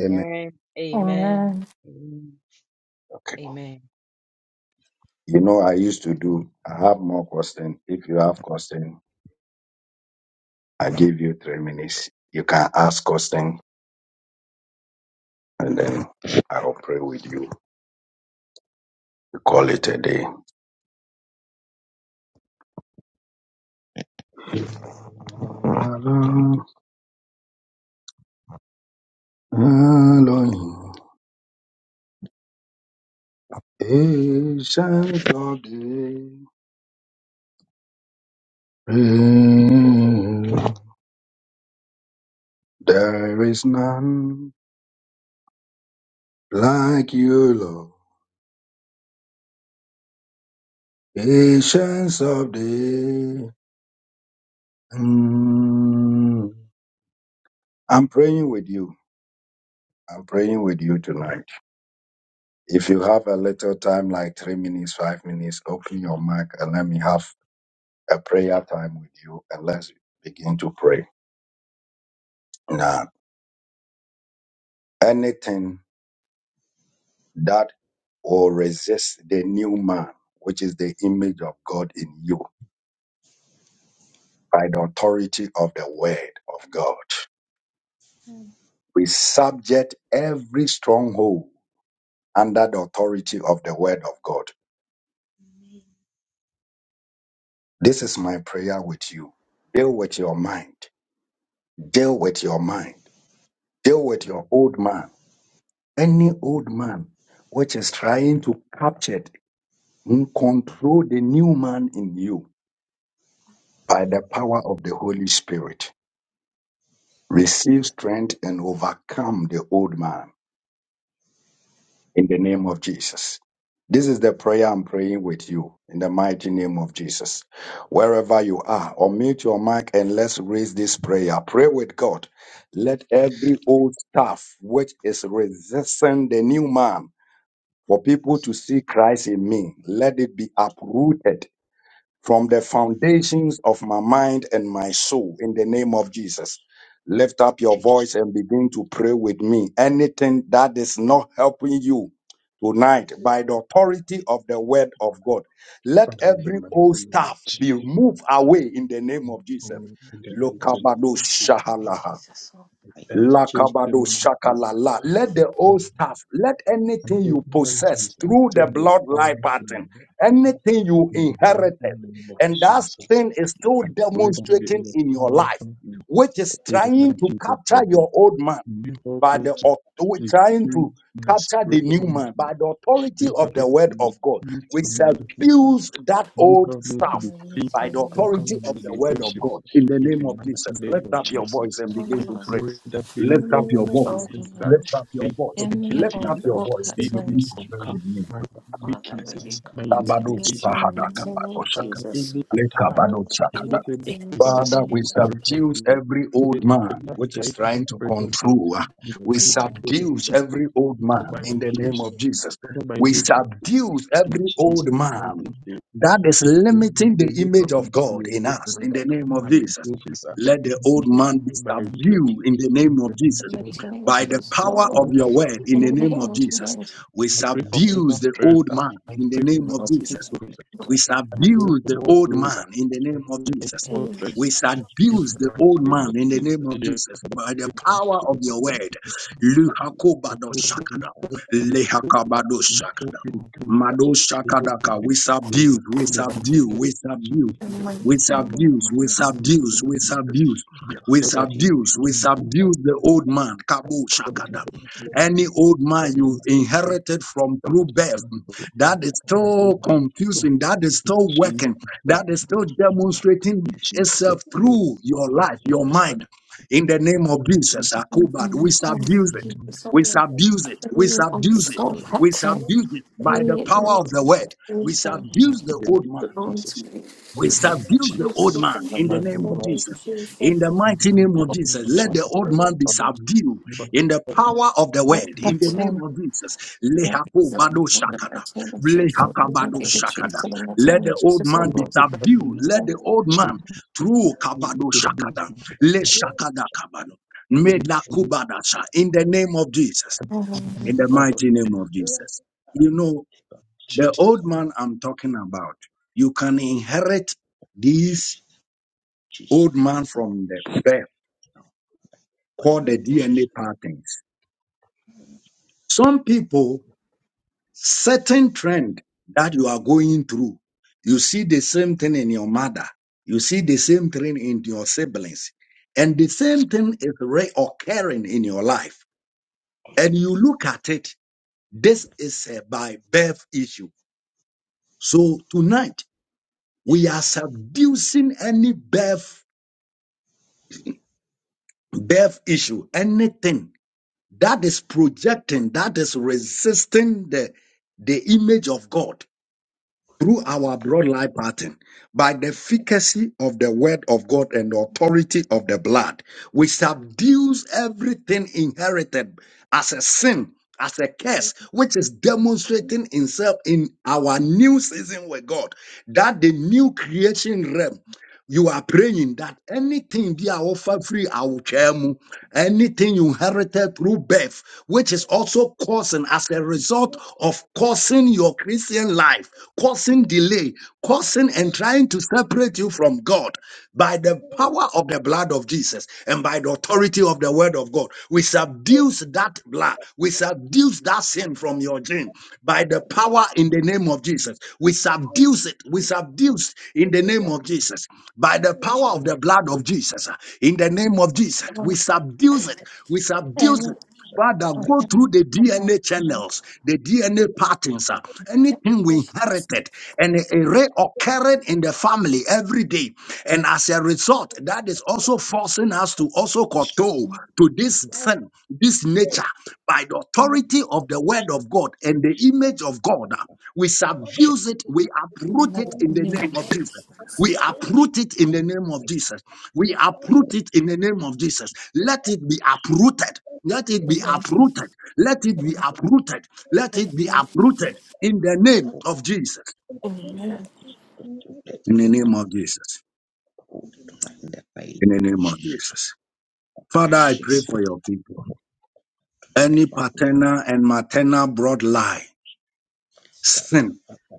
Speaker 10: Amen.
Speaker 7: Amen.
Speaker 11: Amen.
Speaker 7: Amen. Amen. Amen.
Speaker 2: Father, in the mighty name of Jesus, in the mighty name of
Speaker 11: Lord Jesus, Lord,
Speaker 3: I teach
Speaker 2: Perfect timing is destroyed, and ignorance is lifted your power in in the mighty name of Jesus. I pray that may your power come in in the mighty name of God. You help me to defeat my spiritual weakness. You help me to defeat my weakness
Speaker 11: in the name of Jesus, oh Lord, I really open in me all the fault patterns. Father, will you come into this ornament in the mighty name of Jesus? Oh Lord, anything going in
Speaker 7: Amen.
Speaker 11: the mighty name of Jesus, oh Lord, in me all the mind,
Speaker 3: I
Speaker 11: Lord, Lord, Lord, in the
Speaker 7: Amen.
Speaker 11: mighty name of Jesus. In
Speaker 7: Amen.
Speaker 3: do
Speaker 11: the mighty
Speaker 3: do
Speaker 11: name of Jesus, oh Lord, in me all the fault patterns. Amy was free from the Lord's grace. She said, "And the mercy of Jesus, of the heavenly Lord, of the Lord, so for the mercy of Jesus, of the liberty, so the mercy of the Jesus, of Lord, and um,
Speaker 3: teach teach the whole now I teach the top
Speaker 11: um, and for
Speaker 3: that's
Speaker 11: him, for the Lord,
Speaker 3: got a shame
Speaker 11: and the name of the Lord,
Speaker 3: or
Speaker 11: Amen.
Speaker 3: to let be a cold that I she's Hallelujah. Ikatapapa,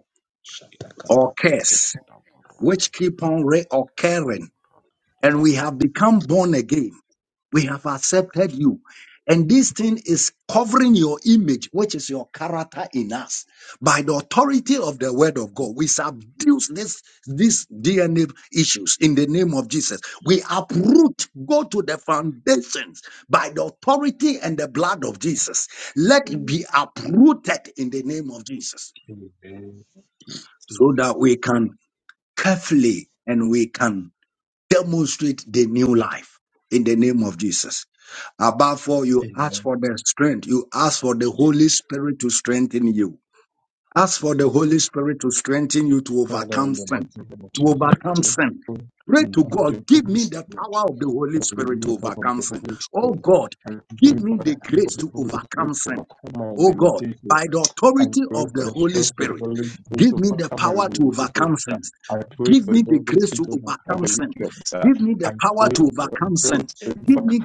Speaker 11: So,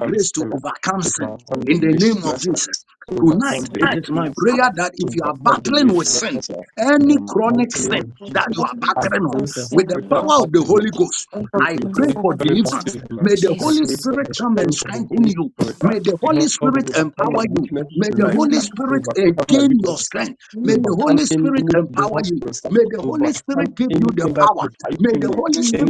Speaker 11: for the mercy of Jesus, Oh, the wonderful dimension of Jesus. Mm, mm, mm,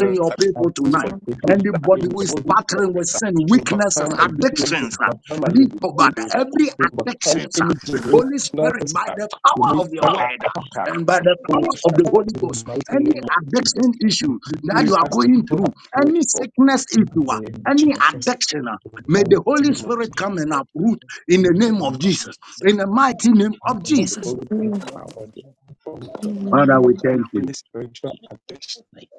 Speaker 11: mm, wonderful. Mm, mm, mm.
Speaker 3: like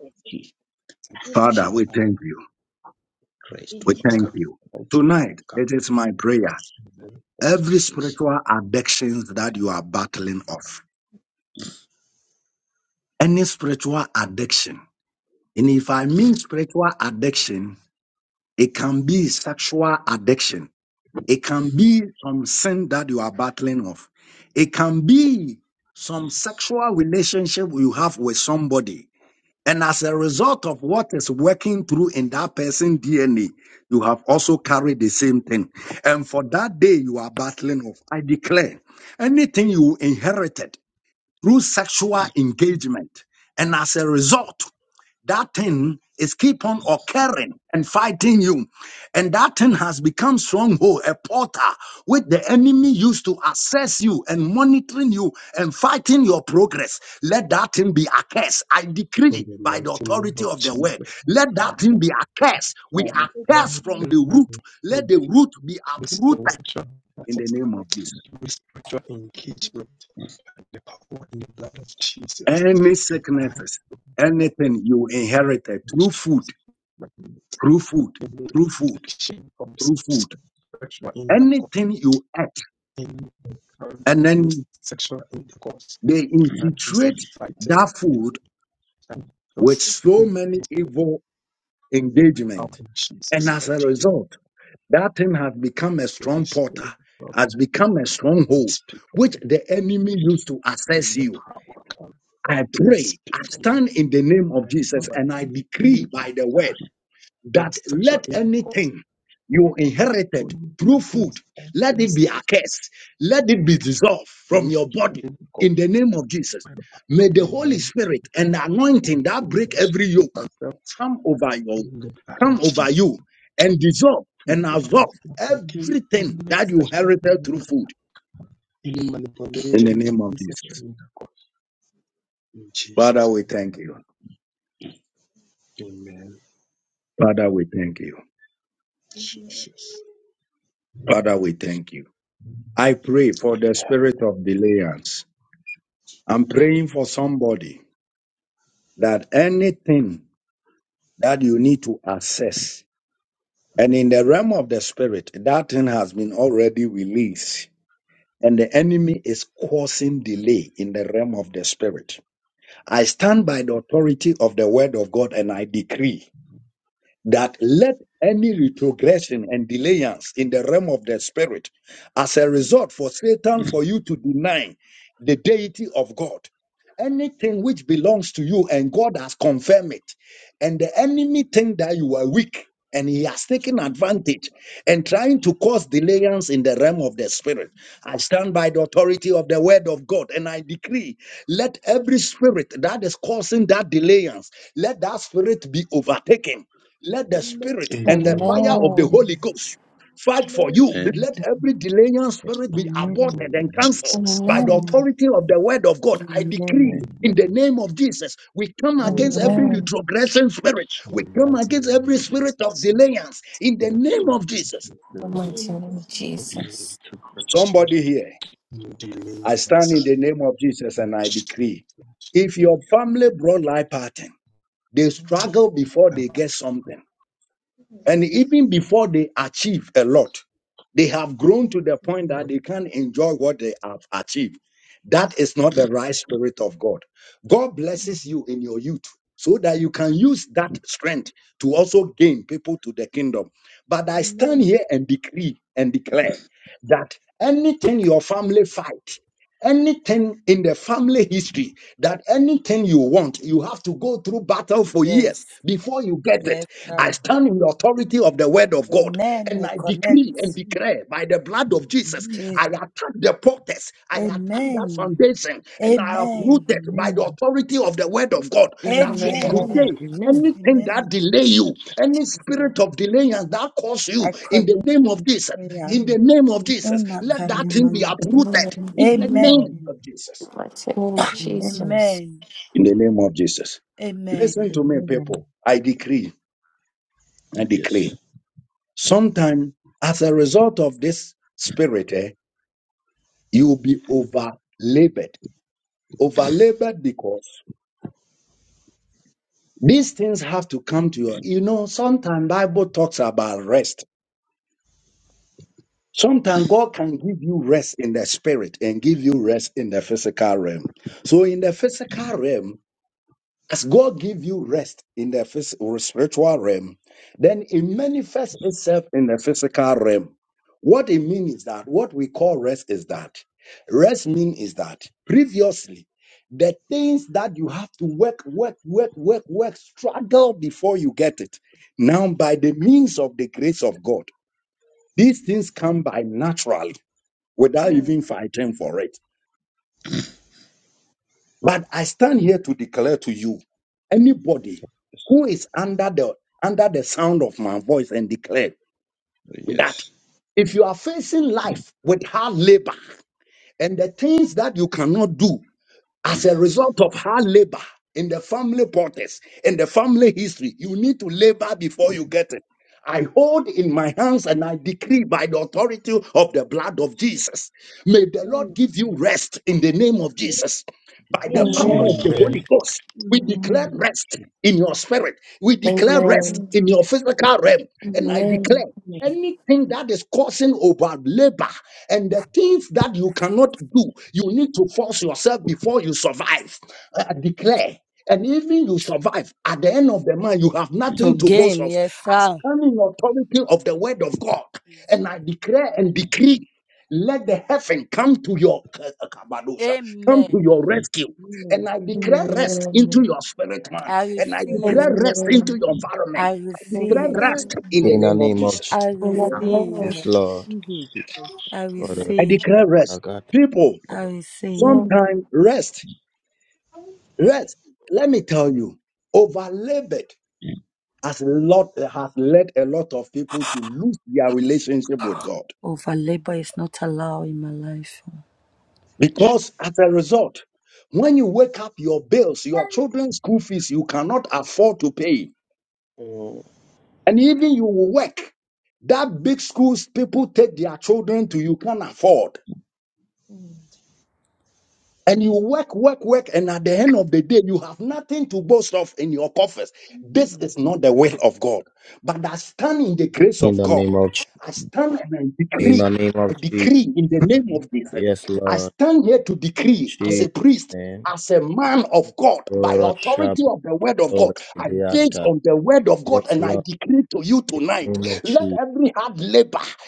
Speaker 12: Amen.
Speaker 11: Amen. Amen. Amen. In The mighty name of Jesus.
Speaker 7: Amen. Yes,
Speaker 13: Yes, yes, sir.
Speaker 7: Amen.
Speaker 13: Amen. I connect.
Speaker 7: Amen.
Speaker 13: Jesus. Amen. Amen.
Speaker 7: Amen.
Speaker 11: Amen.
Speaker 13: Amen.
Speaker 7: Amen.
Speaker 11: Amen.
Speaker 7: Amen.
Speaker 13: Amen. Jesus. I connect to prayer.
Speaker 7: Amen.
Speaker 13: Ina
Speaker 7: Amen.
Speaker 13: kanyamayo.
Speaker 11: In The
Speaker 13: Amen.
Speaker 7: Amen.
Speaker 11: mighty name of
Speaker 7: Amen.
Speaker 11: Jesus.
Speaker 13: Amen. Amen.
Speaker 7: Amen. Amen. Amen.
Speaker 3: Yes. Yes.
Speaker 7: Amen. Amen.
Speaker 3: Receive
Speaker 11: Amen.
Speaker 3: it.
Speaker 7: Amen. Amen.
Speaker 11: Amen.
Speaker 7: Amen.
Speaker 11: Amen.
Speaker 13: To gain, yes, sir.
Speaker 3: Receive
Speaker 13: Amen.
Speaker 11: Amen. Amen.
Speaker 13: I receive.
Speaker 11: Amen.
Speaker 13: I receive.
Speaker 10: In the name of
Speaker 13: I
Speaker 7: I
Speaker 13: receive.
Speaker 10: Jesus, Lord.
Speaker 7: receive it. I
Speaker 13: I
Speaker 7: receive it.
Speaker 10: Father,
Speaker 13: receive.
Speaker 10: our God.
Speaker 13: I receive. Over labor is not allowed in my life.
Speaker 10: Mm.
Speaker 7: Amen.
Speaker 10: In the name of Jesus. In the name of Jesus.
Speaker 7: Thank you.
Speaker 10: Yes, Lord. Jesus. Name. Lord, Shabbat, Lord, Deanta. Yes, Lord. In the name of Jesus.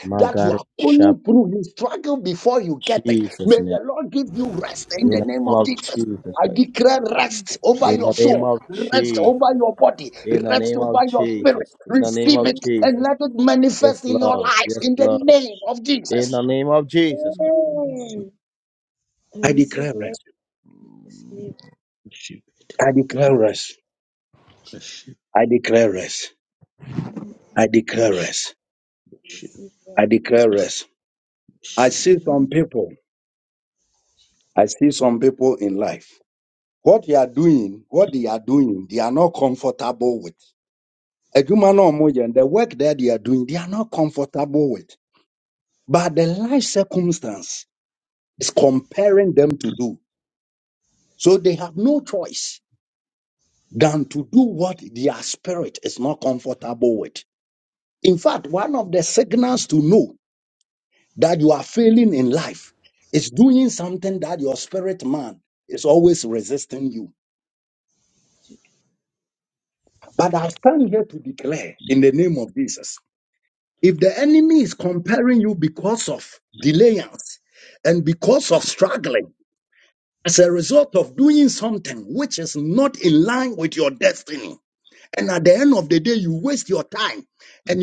Speaker 10: Magaro Shabbat. Jesus' name. In the name of Jesus Christ.
Speaker 7: Amen.
Speaker 10: In the name of Jesus. In the name of Jesus. In the name of
Speaker 7: Amen.
Speaker 10: Jesus. Yes, Lord. Yes, Lord. In the name of Jesus
Speaker 7: Amen.
Speaker 10: Christ.
Speaker 3: receive-
Speaker 12: I receive right to sleep.
Speaker 3: receive it. Receive.
Speaker 12: Amen.
Speaker 3: it.
Speaker 12: I
Speaker 3: She,
Speaker 12: receive right. I
Speaker 3: she,
Speaker 12: receive right.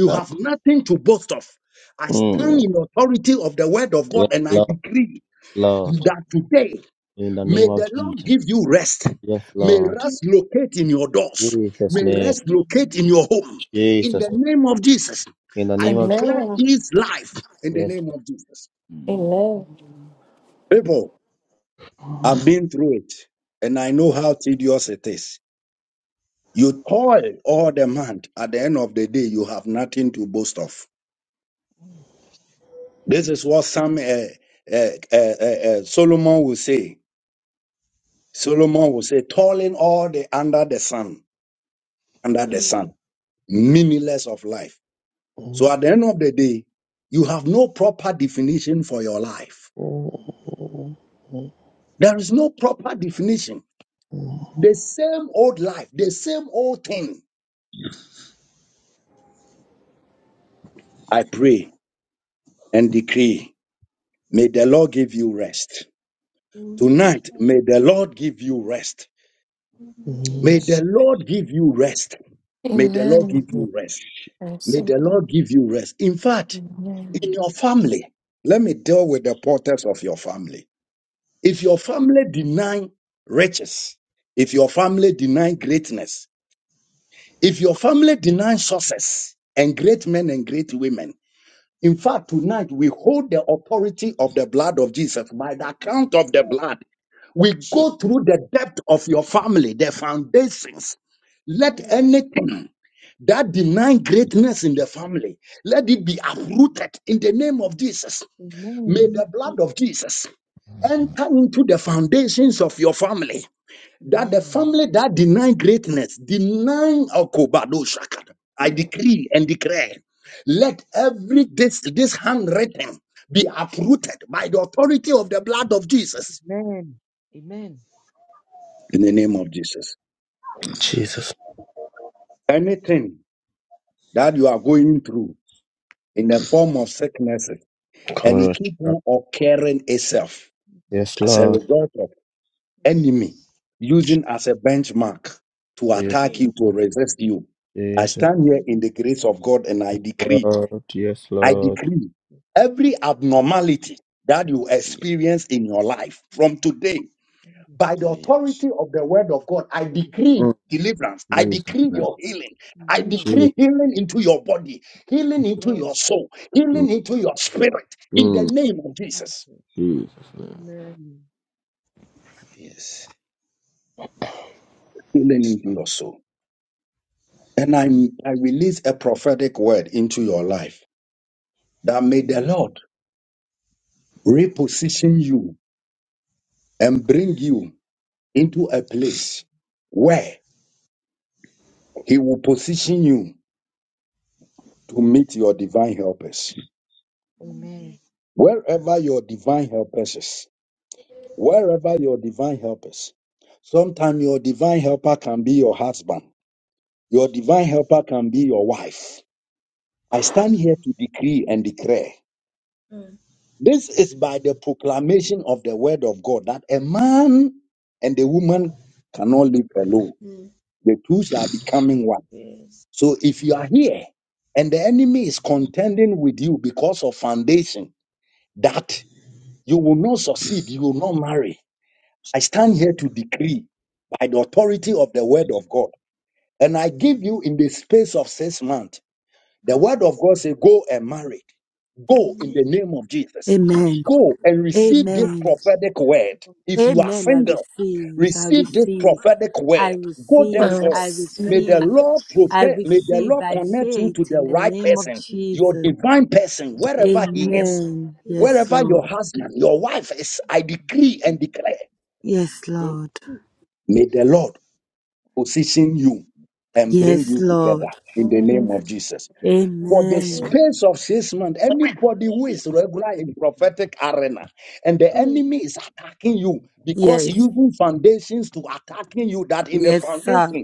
Speaker 10: Right. Mm. Yes, Lord. Lord. In the name of Jesus. Yes, Lord.
Speaker 12: Amen.
Speaker 10: Jesus' name.
Speaker 12: Amen.
Speaker 10: Jesus' name. In the
Speaker 11: Amen.
Speaker 10: name of
Speaker 11: Amen.
Speaker 10: Jesus.
Speaker 11: Amen.
Speaker 12: Amen.
Speaker 7: Amen. Amen.
Speaker 10: Yes,
Speaker 3: let's
Speaker 7: Amen.
Speaker 12: Amen.
Speaker 3: see.
Speaker 11: Amen.
Speaker 10: Lord.
Speaker 7: Amen.
Speaker 11: I receive it. Amen.
Speaker 7: Amen.
Speaker 12: Amen.
Speaker 3: Oh,
Speaker 12: Jesus.
Speaker 7: Amen.
Speaker 12: Amen.
Speaker 7: Amen. Amen. Amen. Amen.
Speaker 10: Jesus. Come on, Lord.
Speaker 7: Amen.
Speaker 10: Yes, Lord.
Speaker 7: Jesus.
Speaker 10: Yes,
Speaker 12: Jesus.
Speaker 7: Mm.
Speaker 10: Jesus.
Speaker 7: Mm.
Speaker 10: Yes, Lord. Yes, Lord.
Speaker 7: Jesus.
Speaker 3: yes, yes,
Speaker 7: Mm. Mm.
Speaker 3: oh, yes,
Speaker 7: Lord.
Speaker 10: Mm. Jesus' name.
Speaker 7: Amen.
Speaker 10: Jesus.
Speaker 3: oh,
Speaker 7: Lord.
Speaker 3: yes,
Speaker 7: Yes, Lord.
Speaker 10: Mm.
Speaker 7: Thank you, Jesus.
Speaker 10: Jesus' name.
Speaker 7: Amen.
Speaker 3: oh, yes. Stop.
Speaker 7: Amen. Amen.
Speaker 12: Amen.
Speaker 7: Yes, Lord.
Speaker 12: Mm. Yes. Yes.
Speaker 7: Yes,
Speaker 12: Amen.
Speaker 13: Amen.
Speaker 7: Lord.
Speaker 13: Amen.
Speaker 7: Yes, Lord.
Speaker 13: Amen. I receive. I
Speaker 7: Yes,
Speaker 13: receive. I
Speaker 11: I
Speaker 7: Lord.
Speaker 13: receive.
Speaker 7: I
Speaker 13: I
Speaker 7: come
Speaker 11: receive
Speaker 7: and
Speaker 11: it.
Speaker 13: receive.
Speaker 7: receive
Speaker 13: I
Speaker 7: you in
Speaker 13: receive
Speaker 7: my
Speaker 13: by faith in the name of Jesus.
Speaker 11: Amen.
Speaker 13: Amen.
Speaker 7: heart.
Speaker 13: Yes,
Speaker 12: Amen.
Speaker 7: I
Speaker 13: Lord.
Speaker 7: come and receive you
Speaker 12: Amen.
Speaker 7: in
Speaker 13: Yes, Lord. Yes, Lord.
Speaker 11: Amen.
Speaker 13: Amen.
Speaker 7: my heart. I come and receive you in my heart.
Speaker 12: Amen.
Speaker 7: I come
Speaker 13: Yes.
Speaker 7: and receive you in
Speaker 13: Yes, sir.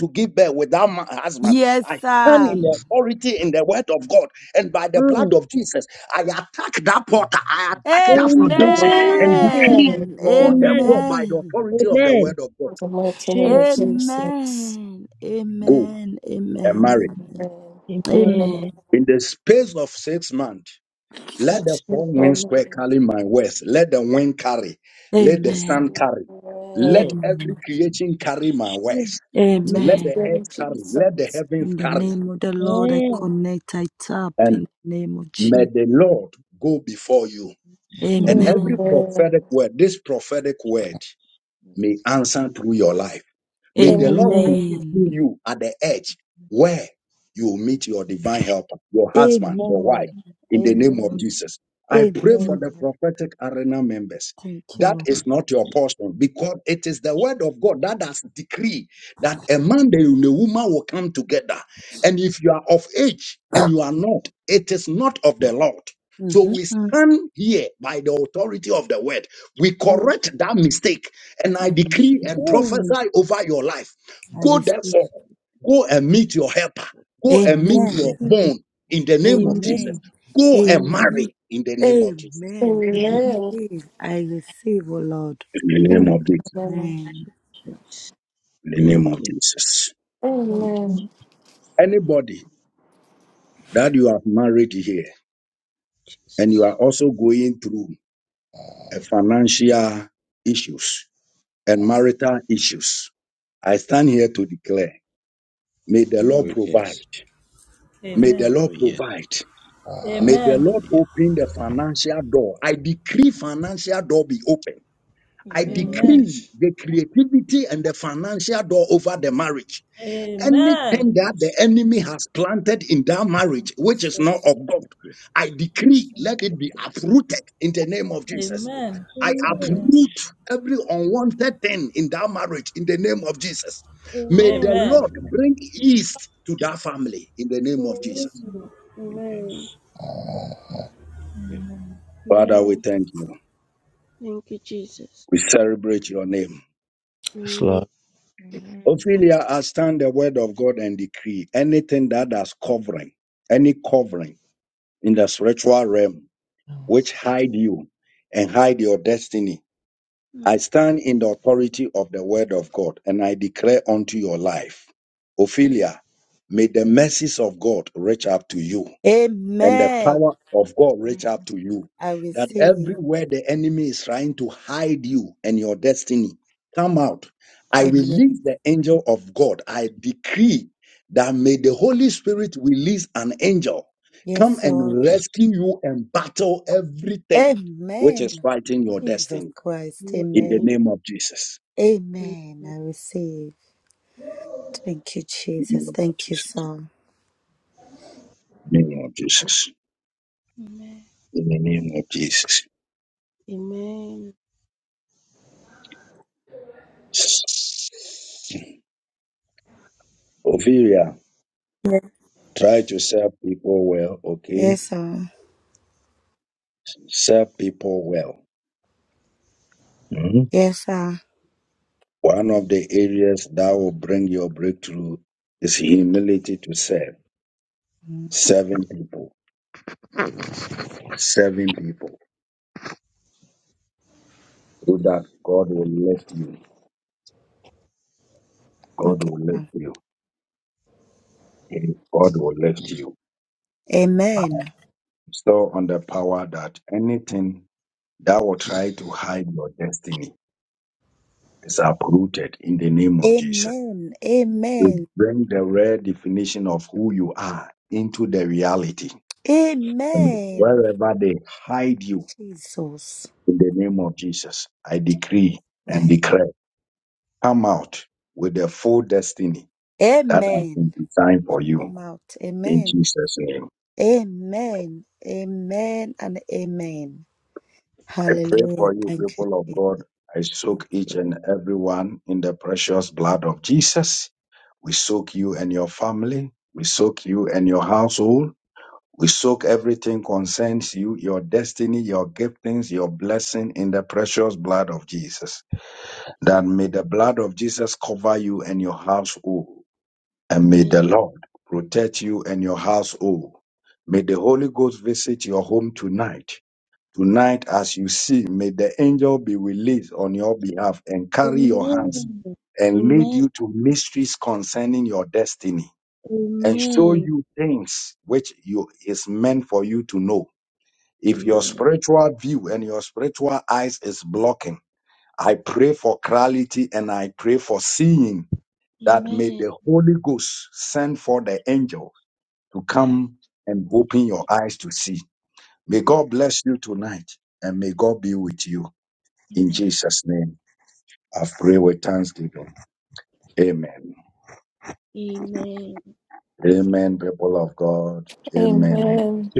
Speaker 7: my
Speaker 13: Yes, sir.
Speaker 7: life. Amen Yes, Lord. Amen.
Speaker 12: Mm. Amen.
Speaker 7: Lord,
Speaker 13: Amen.
Speaker 11: In
Speaker 3: Oh,
Speaker 12: Amen.
Speaker 13: Amen.
Speaker 12: Amen.
Speaker 11: The mighty name of
Speaker 12: Jesus.
Speaker 11: Jesus.
Speaker 13: Amen. Amen. Amen. Amen.
Speaker 11: Amen. Amen.
Speaker 12: Amen.
Speaker 11: That's my plan.
Speaker 12: Yes.
Speaker 13: Amen.
Speaker 12: Yes.
Speaker 11: Amen.
Speaker 13: Amen.
Speaker 12: Jesus.
Speaker 11: In the
Speaker 12: Amen.
Speaker 11: name
Speaker 13: Amen.
Speaker 11: of Jesus.
Speaker 13: In the name of the Lord, I
Speaker 12: Amen.
Speaker 13: connect, I tap in the name of Jesus.
Speaker 11: Amen.
Speaker 12: Amen.
Speaker 13: Amen.
Speaker 11: Amen.
Speaker 12: Amen.
Speaker 11: Amen.
Speaker 13: Amen. Amen. Amen.
Speaker 12: Amen.
Speaker 13: Amen. Thank you, Lord. hmm
Speaker 12: Mm.
Speaker 13: Amen. I receive.
Speaker 7: we have
Speaker 12: Yes.
Speaker 13: Amen.
Speaker 12: Amen. Amen.
Speaker 13: Amen.
Speaker 12: Amen.
Speaker 13: Amen. Amen. I
Speaker 3: yes,
Speaker 11: Amen.
Speaker 13: receive. I receive, oh Lord.
Speaker 11: Amen.
Speaker 13: Amen.
Speaker 12: Amen.
Speaker 7: done.
Speaker 12: Thank you. Thank you,
Speaker 7: Amen.
Speaker 11: Amen.
Speaker 12: Jesus.
Speaker 3: oh, yes,
Speaker 14: Amen.
Speaker 3: oh,
Speaker 7: Amen.
Speaker 3: yes,
Speaker 14: Amen.
Speaker 7: Amen.
Speaker 3: oh, yes,
Speaker 7: Amen.
Speaker 3: oh,
Speaker 7: Amen.
Speaker 12: Amen.
Speaker 14: Amen.
Speaker 3: yes,
Speaker 14: Amen.
Speaker 3: oh, yes,
Speaker 14: Jesus. Yes, Lord. Amen.
Speaker 7: Amen.
Speaker 12: Amen.
Speaker 14: Amen.
Speaker 7: Amen. Amen. Amen. Amen. May
Speaker 12: Amen.
Speaker 7: God
Speaker 14: Amen.
Speaker 3: oh, yes,
Speaker 14: Yes, Lord.
Speaker 3: oh,
Speaker 12: Amen. Amen.
Speaker 3: yes. Yeah.
Speaker 12: Amen. Thank you, Jesus.
Speaker 10: Yes,
Speaker 12: Amen.
Speaker 13: Amen. I receive. Amen. Yes, Lord. Amen. Jesus
Speaker 12: amen, mm,
Speaker 13: Christ. Amen.
Speaker 12: mm,
Speaker 13: Amen.
Speaker 12: mm.
Speaker 13: I receive. Thank you, Jesus. Thank you, sir.
Speaker 12: Amen. Amen. Amen.
Speaker 13: Yes, yes sir. Yes, sir. Mm, Okay, sir. Amen. Amen. Amen. Amen. Jesus. Right. Amen. I come out. Amen. Amen. Amen and amen. Hallelujah. Thank you, Jesus. Thank you.
Speaker 12: Amen. Amen. Amen. Amen. Amen. Amen. Amen. I- Amen. Amen. Amen.
Speaker 11: Amen.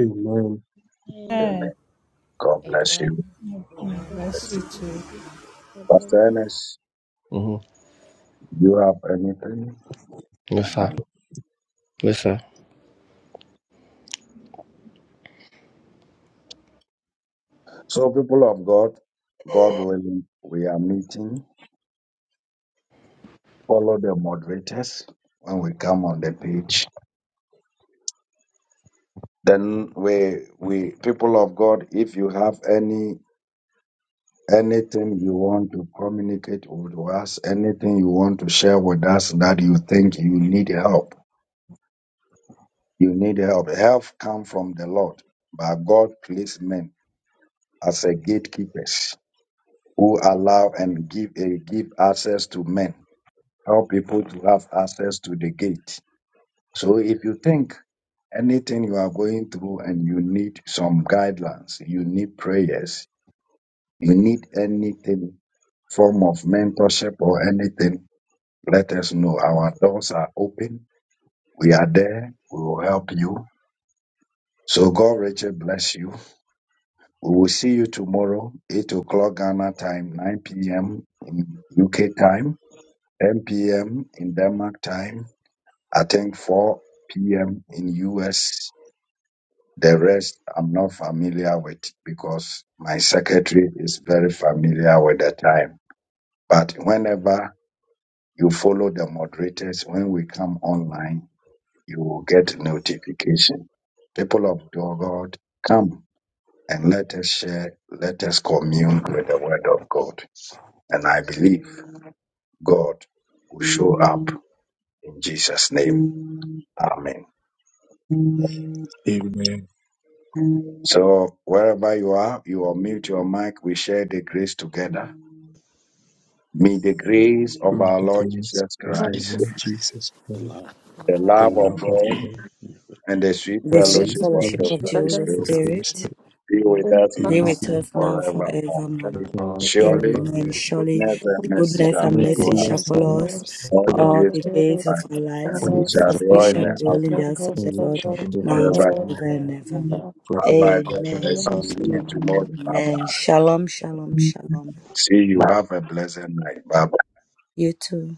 Speaker 12: Amen.
Speaker 14: Amen. Mm, mm,
Speaker 12: God bless
Speaker 14: Bless you
Speaker 7: bless
Speaker 12: you.
Speaker 14: too.
Speaker 12: Jesus.
Speaker 7: you.
Speaker 12: God bless you.
Speaker 10: Lord. Listen, listen.
Speaker 11: Father, this is
Speaker 3: The
Speaker 7: The love of God.
Speaker 13: The sweet
Speaker 11: the things
Speaker 13: fellowship
Speaker 11: we
Speaker 13: of
Speaker 11: do,
Speaker 13: the
Speaker 11: the
Speaker 13: Holy Spirit be with us now
Speaker 11: helps,
Speaker 13: and
Speaker 11: But
Speaker 13: forevermore.
Speaker 11: mom,
Speaker 13: Amen. Surely
Speaker 11: you
Speaker 13: the
Speaker 11: can accept
Speaker 13: goodness
Speaker 11: from
Speaker 13: and
Speaker 11: the
Speaker 13: mercy shall
Speaker 11: teacher for
Speaker 13: follow us
Speaker 11: yours. All
Speaker 13: all
Speaker 11: the
Speaker 13: the days of
Speaker 11: duties
Speaker 13: our
Speaker 11: and
Speaker 7: is
Speaker 13: lives,
Speaker 7: with
Speaker 11: honors,
Speaker 7: you.
Speaker 13: as we shall
Speaker 11: and
Speaker 13: dwell in
Speaker 11: children,
Speaker 13: the house of the
Speaker 11: verses of the
Speaker 13: Lord
Speaker 11: Lord,
Speaker 13: now and forever
Speaker 11: forever
Speaker 13: and
Speaker 11: and
Speaker 13: ever.
Speaker 3: light.
Speaker 13: Amen.
Speaker 11: ever.
Speaker 13: Amen. Shalom, shalom, shalom. You too.